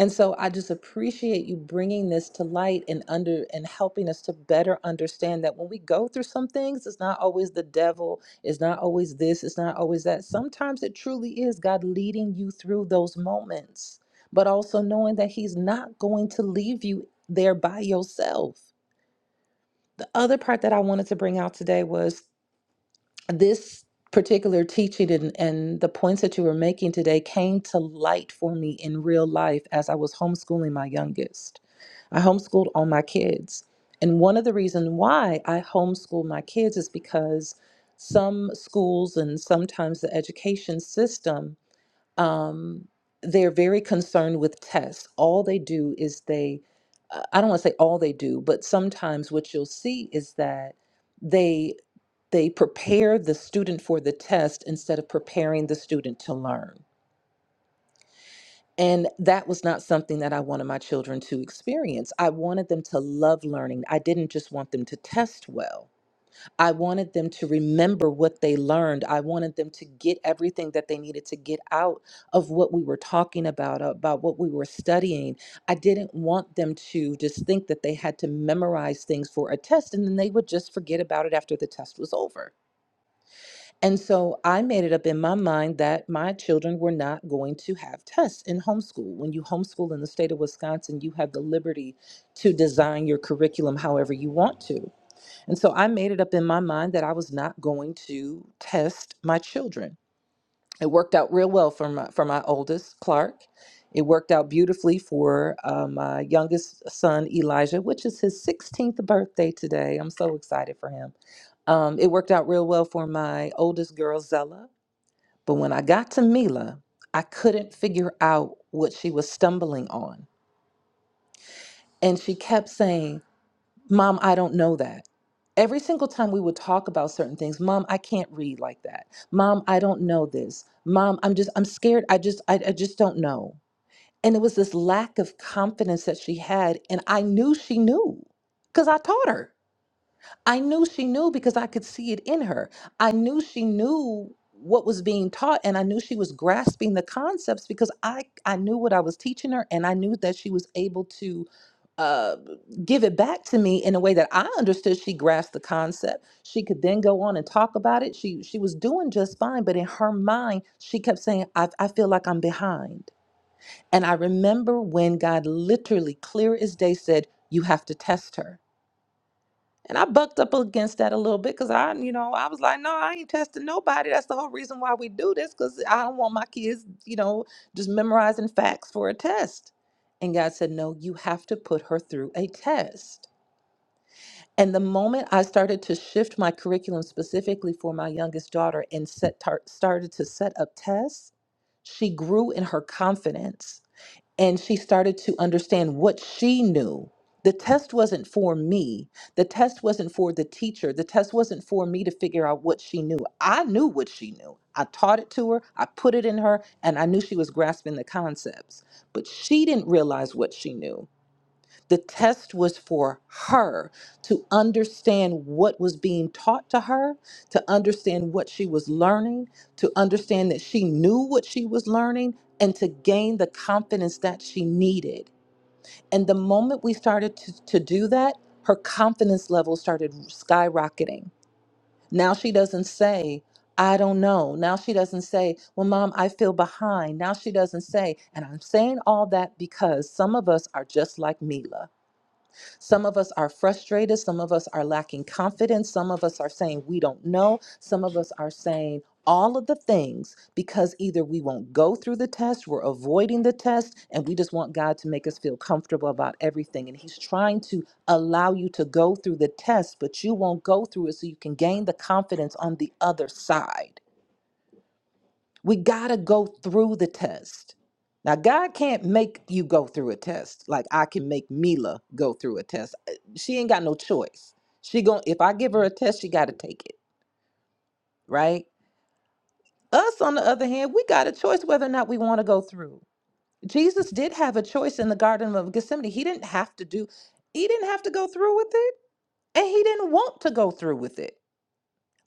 And so I just appreciate you bringing this to light and under and helping us to better understand that when we go through some things, it's not always the devil, it's not always this, it's not always that. Sometimes it truly is God leading you through those moments, but also knowing that he's not going to leave you there by yourself. The other part that I wanted to bring out today was this particular teaching and, and the points that you were making today came to light for me in real life as I was homeschooling my youngest. I homeschooled all my kids. And one of the reasons why I homeschool my kids is because some schools and sometimes the education system, um, they're very concerned with tests. All they do is they, uh, I don't want to say all they do, but sometimes what you'll see is that. They they prepare the student for the test instead of preparing the student to learn. And that was not something that I wanted my children to experience. I wanted them to love learning. I didn't just want them to test well. I wanted them to remember what they learned. I wanted them to get everything that they needed to get out of what we were talking about, about what we were studying. I didn't want them to just think that they had to memorize things for a test and then they would just forget about it after the test was over And so I made it up in my mind that my children were not going to have tests in homeschool. When you homeschool in the state of Wisconsin, you have the liberty to design your curriculum however you want to. And so I made it up in my mind that I was not going to test my children. It worked out real well for my for my oldest Clark. It worked out beautifully for uh, my youngest son Elijah, which is his 16th birthday today. I'm so excited for him. Um, it worked out real well for my oldest girl Zella, but when I got to Mila, I couldn't figure out what she was stumbling on, and she kept saying, Mom, I don't know that. Every single time we would talk about certain things, Mom, I can't read like that. Mom, I don't know this. Mom, I'm just, I'm scared. I just, I, I just don't know. And it was this lack of confidence that she had. And I knew she knew because I taught her. I knew she knew because I could see it in her. I knew she knew what was being taught and I knew she was grasping the concepts because I I knew what I was teaching her and I knew that she was able to uh, give it back to me in a way that I understood she grasped the concept. She could then go on and talk about it. She she was doing just fine, but in her mind, she kept saying, I, I feel like I'm behind. And I remember when God literally clear as day said, You have to test her and I bucked up against that a little bit because I, you know, I was like, no, I ain't testing nobody. That's the whole reason why we do this because I don't want my kids, you know, just memorizing facts for a test. And God said, no, you have to put her through a test. And the moment I started to shift my curriculum specifically for my youngest daughter and set tar- started to set up tests, she grew in her confidence and she started to understand what she knew. The test wasn't for me. The test wasn't for the teacher. The test wasn't for me to figure out what she knew. I knew what she knew. I taught it to her, I put it in her, and I knew she was grasping the concepts. But she didn't realize what she knew. The test was for her to understand what was being taught to her, to understand what she was learning, to understand that she knew what she was learning, and to gain the confidence that she needed. And the moment we started to, to do that, her confidence level started skyrocketing. Now she doesn't say, I don't know. Now she doesn't say, Well, mom, I feel behind. Now she doesn't say, and I'm saying all that because some of us are just like Mila. Some of us are frustrated. Some of us are lacking confidence. Some of us are saying we don't know. Some of us are saying all of the things because either we won't go through the test, we're avoiding the test, and we just want God to make us feel comfortable about everything. And He's trying to allow you to go through the test, but you won't go through it so you can gain the confidence on the other side. We got to go through the test. Now, God can't make you go through a test like I can make Mila go through a test. Uh, She ain't got no choice. She going to if I give her a test, she got to take it, right? Us, on the other hand, we got a choice whether or not we want to go through. Jesus did have a choice in the Garden of Gethsemane. He didn't have to do, he didn't have to go through with it, and he didn't want to go through with it.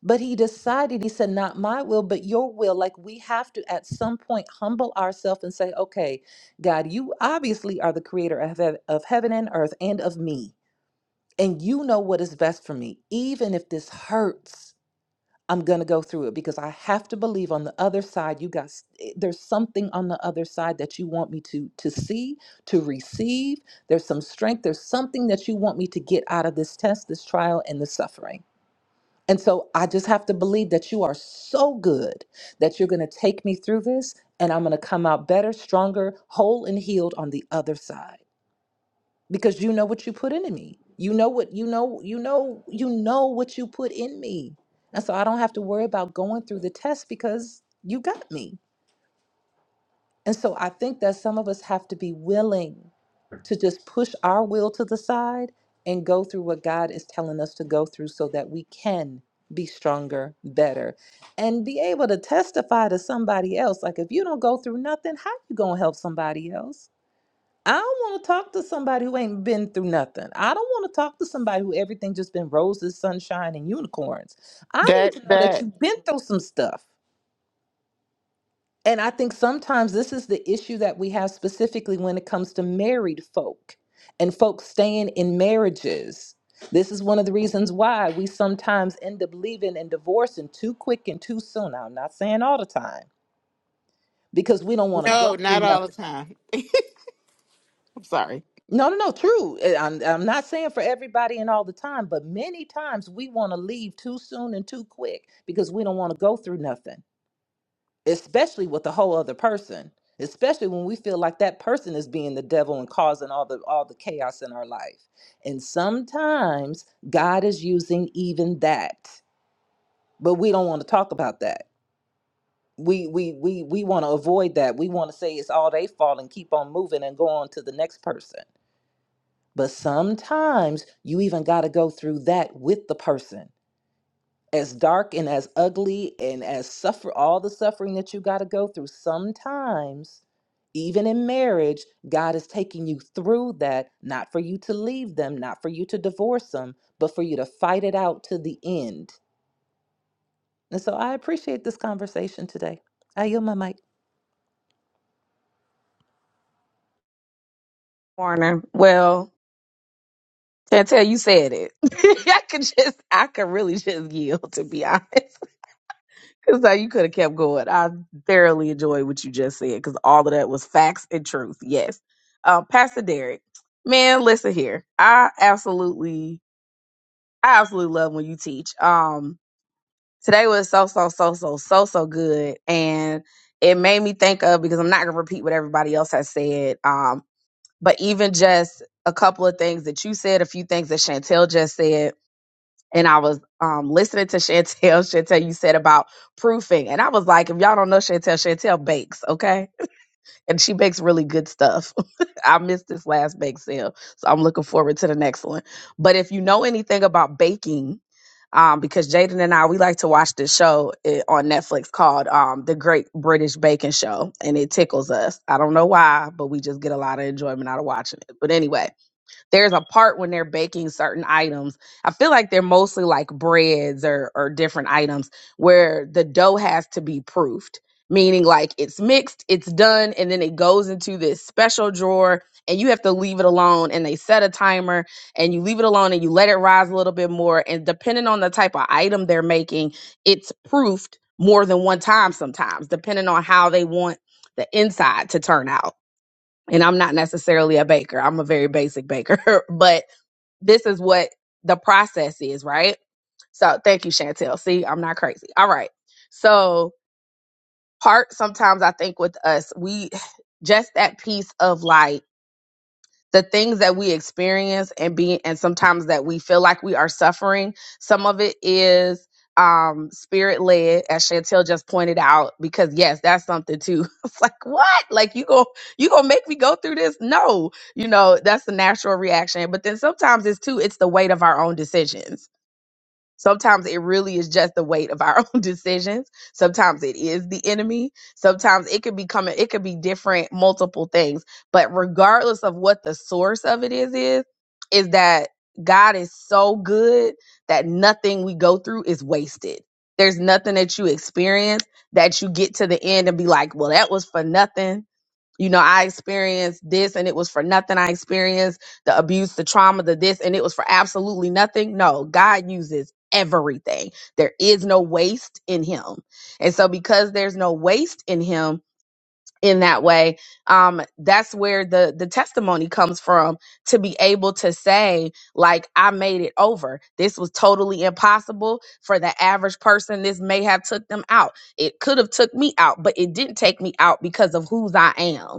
But he decided, he said, Not my will, but your will. Like we have to at some point humble ourselves and say, Okay, God, you obviously are the creator of, heav- of heaven and earth and of me. And you know what is best for me. Even if this hurts, I'm going to go through it because I have to believe on the other side, you got, s- eh, there's something on the other side that you want me to, to see, to receive. There's some strength. There's something that you want me to get out of this test, this trial, and the suffering. And so I just have to believe that you are so good that you're going to take me through this and I'm going to come out better, stronger, whole and healed on the other side because you know what you put into me. You know what you know, you know, you know what you put in me. And so I don't have to worry about going through the test because you got me. And so I think that some of us have to be willing to just push our will to the side and go through what God is telling us to go through so that we can be stronger, better, and be able to testify to somebody else. Like if you don't go through nothing, how you going to help somebody else? I don't want to talk to somebody who ain't been through nothing. I don't want to talk to somebody who everything just been roses, sunshine, and unicorns. I need That to know that that you've been through some stuff. And I think sometimes this is the issue that we have specifically when it comes to married folk and folks staying in marriages. This is one of the reasons why we sometimes end up leaving and divorcing too quick and too soon. Now, I'm not saying all the time because we don't want to go no, through not all the nothing. time. I'm sorry. No, no, no, true. Eh, I'm, I'm not saying for everybody and all the time, but many times we want to leave too soon and too quick because we don't want to go through nothing. especially with the whole other person especially when we feel like that person is being the devil and causing all the all the chaos in our life and sometimes god is using even that but we don't want to talk about that we we we we want to avoid that we want to say it's all they fault and keep on moving and go on to the next person but sometimes you even got to go through that with the person as dark and as ugly and as suffer all the suffering that you got to go through sometimes even in marriage god is taking you through that not for you to leave them not for you to divorce them but for you to fight it out to the end and so i appreciate this conversation today i yield my mic Warner. Well, Chantel, you said it. I could just, I could really just yield, to be honest. Because like you could have kept going. I thoroughly enjoyed what you just said because all of that was facts and truth. Yes. Um, Pastor Derek, man, listen here. I absolutely, I absolutely love when you teach. Um, today was so, so, so, so, so, so good. And it made me think of because I'm not gonna repeat what everybody else has said. Um, but even just a couple of things that you said, a few things that Chantel just said, and I was um, listening to Chantel. Chantel, you said about proofing, and I was like, if y'all don't know Chantel, Chantel bakes, okay? and she bakes really good stuff. I missed this last bake sale, so I'm looking forward to the next one. But if you know anything about baking, um, because Jaden and I we like to watch this show eh, on Netflix called um, The Great British Baking Show, and it tickles us. I don't know why, but we just get a lot of enjoyment out of watching it. But anyway there's a part when they're baking certain items. I feel like they're mostly like breads or or different items where the dough has to be proofed, meaning like it's mixed, it's done, and then it goes into this special drawer and you have to leave it alone and they set a timer and you leave it alone and you let it rise a little bit more and depending on the type of item they're making it's proofed more than one time sometimes depending on how they want the inside to turn out and I'm not necessarily a baker. I'm a very basic baker, but this is what the process is, right? So thank you, Chantel. See, I'm not crazy. All right. So part sometimes I think with us, we just that piece of like the things that we experience and be and sometimes that we feel like we are suffering some of it is um spirit led as chantel just pointed out because yes that's something too it's like what like you go you gonna make me go through this no you know that's the natural reaction but then sometimes it's too it's the weight of our own decisions Sometimes it really is just the weight of our own decisions. Sometimes it is the enemy. Sometimes it could be coming, it could be different, multiple things. But regardless of what the source of it is, is, is that God is so good that nothing we go through is wasted. There's nothing that you experience that you get to the end and be like, well, that was for nothing you know, I experienced this and it was for nothing. I experienced the abuse, the trauma, the this, and it was for absolutely nothing. No, God uses everything. There is no waste in Him. And so, because there's no waste in Him, in that way um that's where the the testimony comes from to be able to say like i made it over this was totally impossible for the average person this may have took them out it could have took me out but it didn't take me out because of whose i am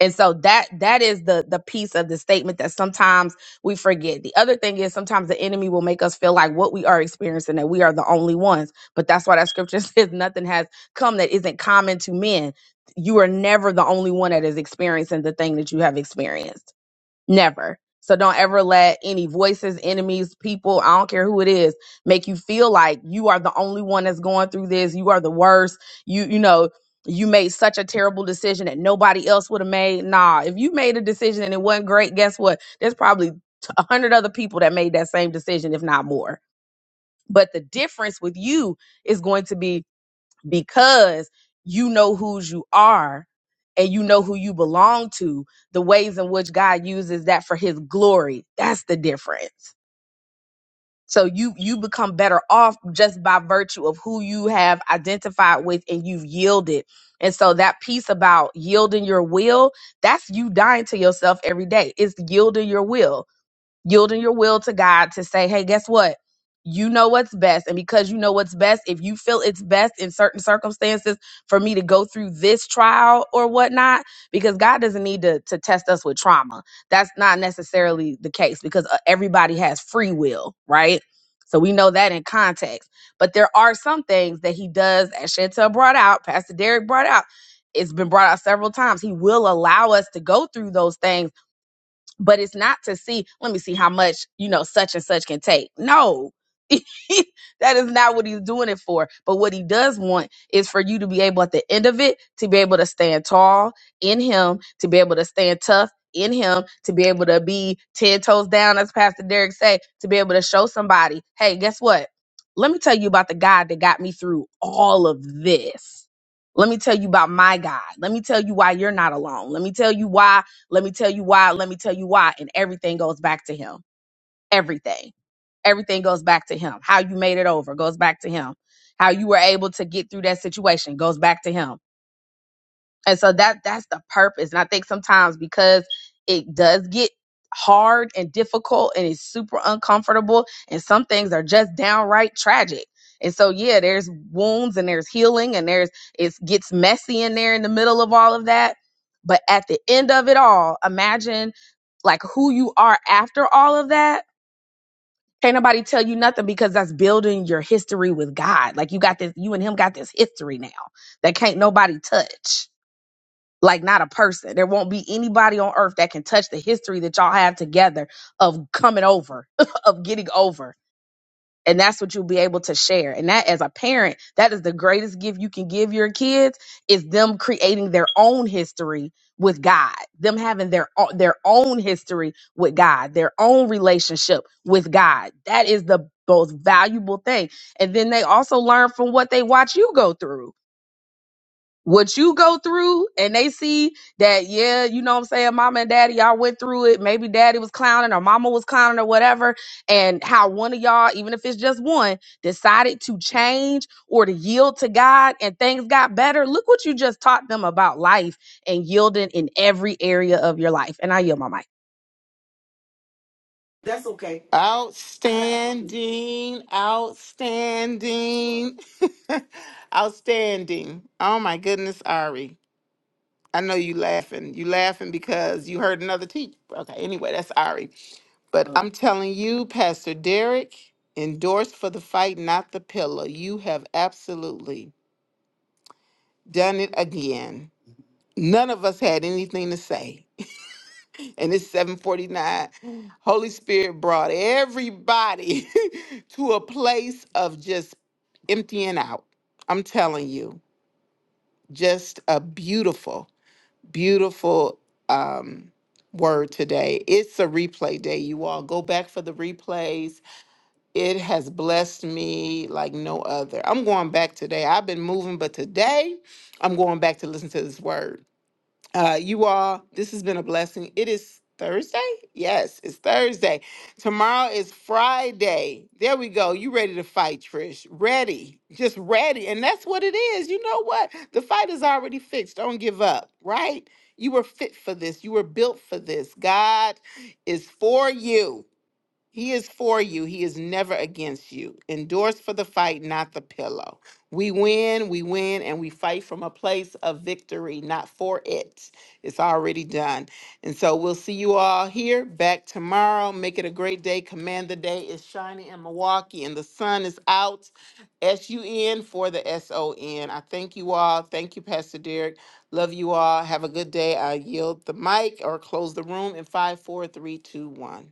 and so that that is the the piece of the statement that sometimes we forget the other thing is sometimes the enemy will make us feel like what we are experiencing that we are the only ones but that's why that scripture says nothing has come that isn't common to men you are never the only one that is experiencing the thing that you have experienced Never. So don't ever let any voices, enemies, people, I don't care who it is, make you feel like you are the only one that's going through this. You are the worst. You, you know, you made such a terrible decision that nobody else would have made. Nah, if you made a decision and it wasn't great, guess what? There's probably t- a hundred other people that made that same decision, if not more. But the difference with you is going to be because you know whose you are and you know who you belong to, the ways in which God uses that for his glory. That's the difference. So you you become better off just by virtue of who you have identified with and you've yielded. And so that piece about yielding your will, that's you dying to yourself every day. It's yielding your will yielding your will to God to say, hey, guess what? You know what's best. And because you know what's best, if you feel it's best in certain circumstances for me to go through this trial or whatnot, because God doesn't need to, to test us with trauma. That's not necessarily the case because uh, everybody has free will, right? So we know that in context. But there are some things that he does, as Chantel brought out, Pastor Derek brought out. It's been brought out several times. He will allow us to go through those things but it's not to see let me see how much you know such and such can take no that is not what he's doing it for but what he does want is for you to be able at the end of it to be able to stand tall in him to be able to stand tough in him to be able to be 10 toes down as pastor derek said to be able to show somebody hey guess what let me tell you about the god that got me through all of this let me tell you about my God. Let me tell you why you're not alone. Let me tell you why let me tell you why. Let me tell you why. And everything goes back to him. Everything. Everything goes back to him. How you made it over goes back to him. How you were able to get through that situation goes back to him and so that that's the purpose and i think sometimes because it does get hard and difficult and it's super uncomfortable and some things are just downright tragic and so yeah there's wounds and there's healing and there's it gets messy in there in the middle of all of that but at the end of it all imagine like who you are after all of that can't nobody tell you nothing because that's building your history with god like you got this you and him got this history now that can't nobody touch like not a person. There won't be anybody on earth that can touch the history that y'all have together of coming over, of getting over. And that's what you'll be able to share. And that as a parent, that is the greatest gift you can give your kids is them creating their own history with God. Them having their o- their own history with God, their own relationship with God. That is the most valuable thing. And then they also learn from what they watch you go through what you go through and they see that yeah you know what i'm saying mama and daddy y'all went through it maybe daddy was clowning or mama was clowning or whatever and how one of y'all even if it's just one decided to change or to yield to god and things got better look what you just taught them about life and yielding in every area of your life and i yield my mic Outstanding, outstanding, outstanding. Oh my goodness, Ari. I know you laughing. You laughing because you heard another teacher. Okay, anyway, that's Ari. But I'm telling you, Pastor Derek, endorsed for the fight, not the pillow. You have absolutely done it again. None of us had anything to say. And it's 749. Holy Spirit brought everybody to a place of just emptying out. I'm telling you, just a beautiful, beautiful um, word today. It's a replay day, you all. Go back for the replays It has blessed me like no other. I'm going back today. I've been moving, but today I'm going back to listen to this word. Uh, you all, this has been a blessing. It is Thursday? Yes, it's Thursday. Tomorrow is Friday. There we go. You ready to fight, Trish? Ready. Just ready. And that's what it is. You know what? The fight is already fixed. Don't give up, right? You were fit for this. You were built for this. God is for you. He is for you. He is never against you. Endorse for the fight, not the pillow. We win, we win, and we fight from a place of victory, not for it. It's already done. And so we'll see you all here back tomorrow. Make it a great day. Command the day is shining in Milwaukee, and the sun is out. S U N for the S O N. I thank you all. Thank you, Pastor Derek. Love you all. Have a good day. I yield the mic or close the room in five, four, three, two, one.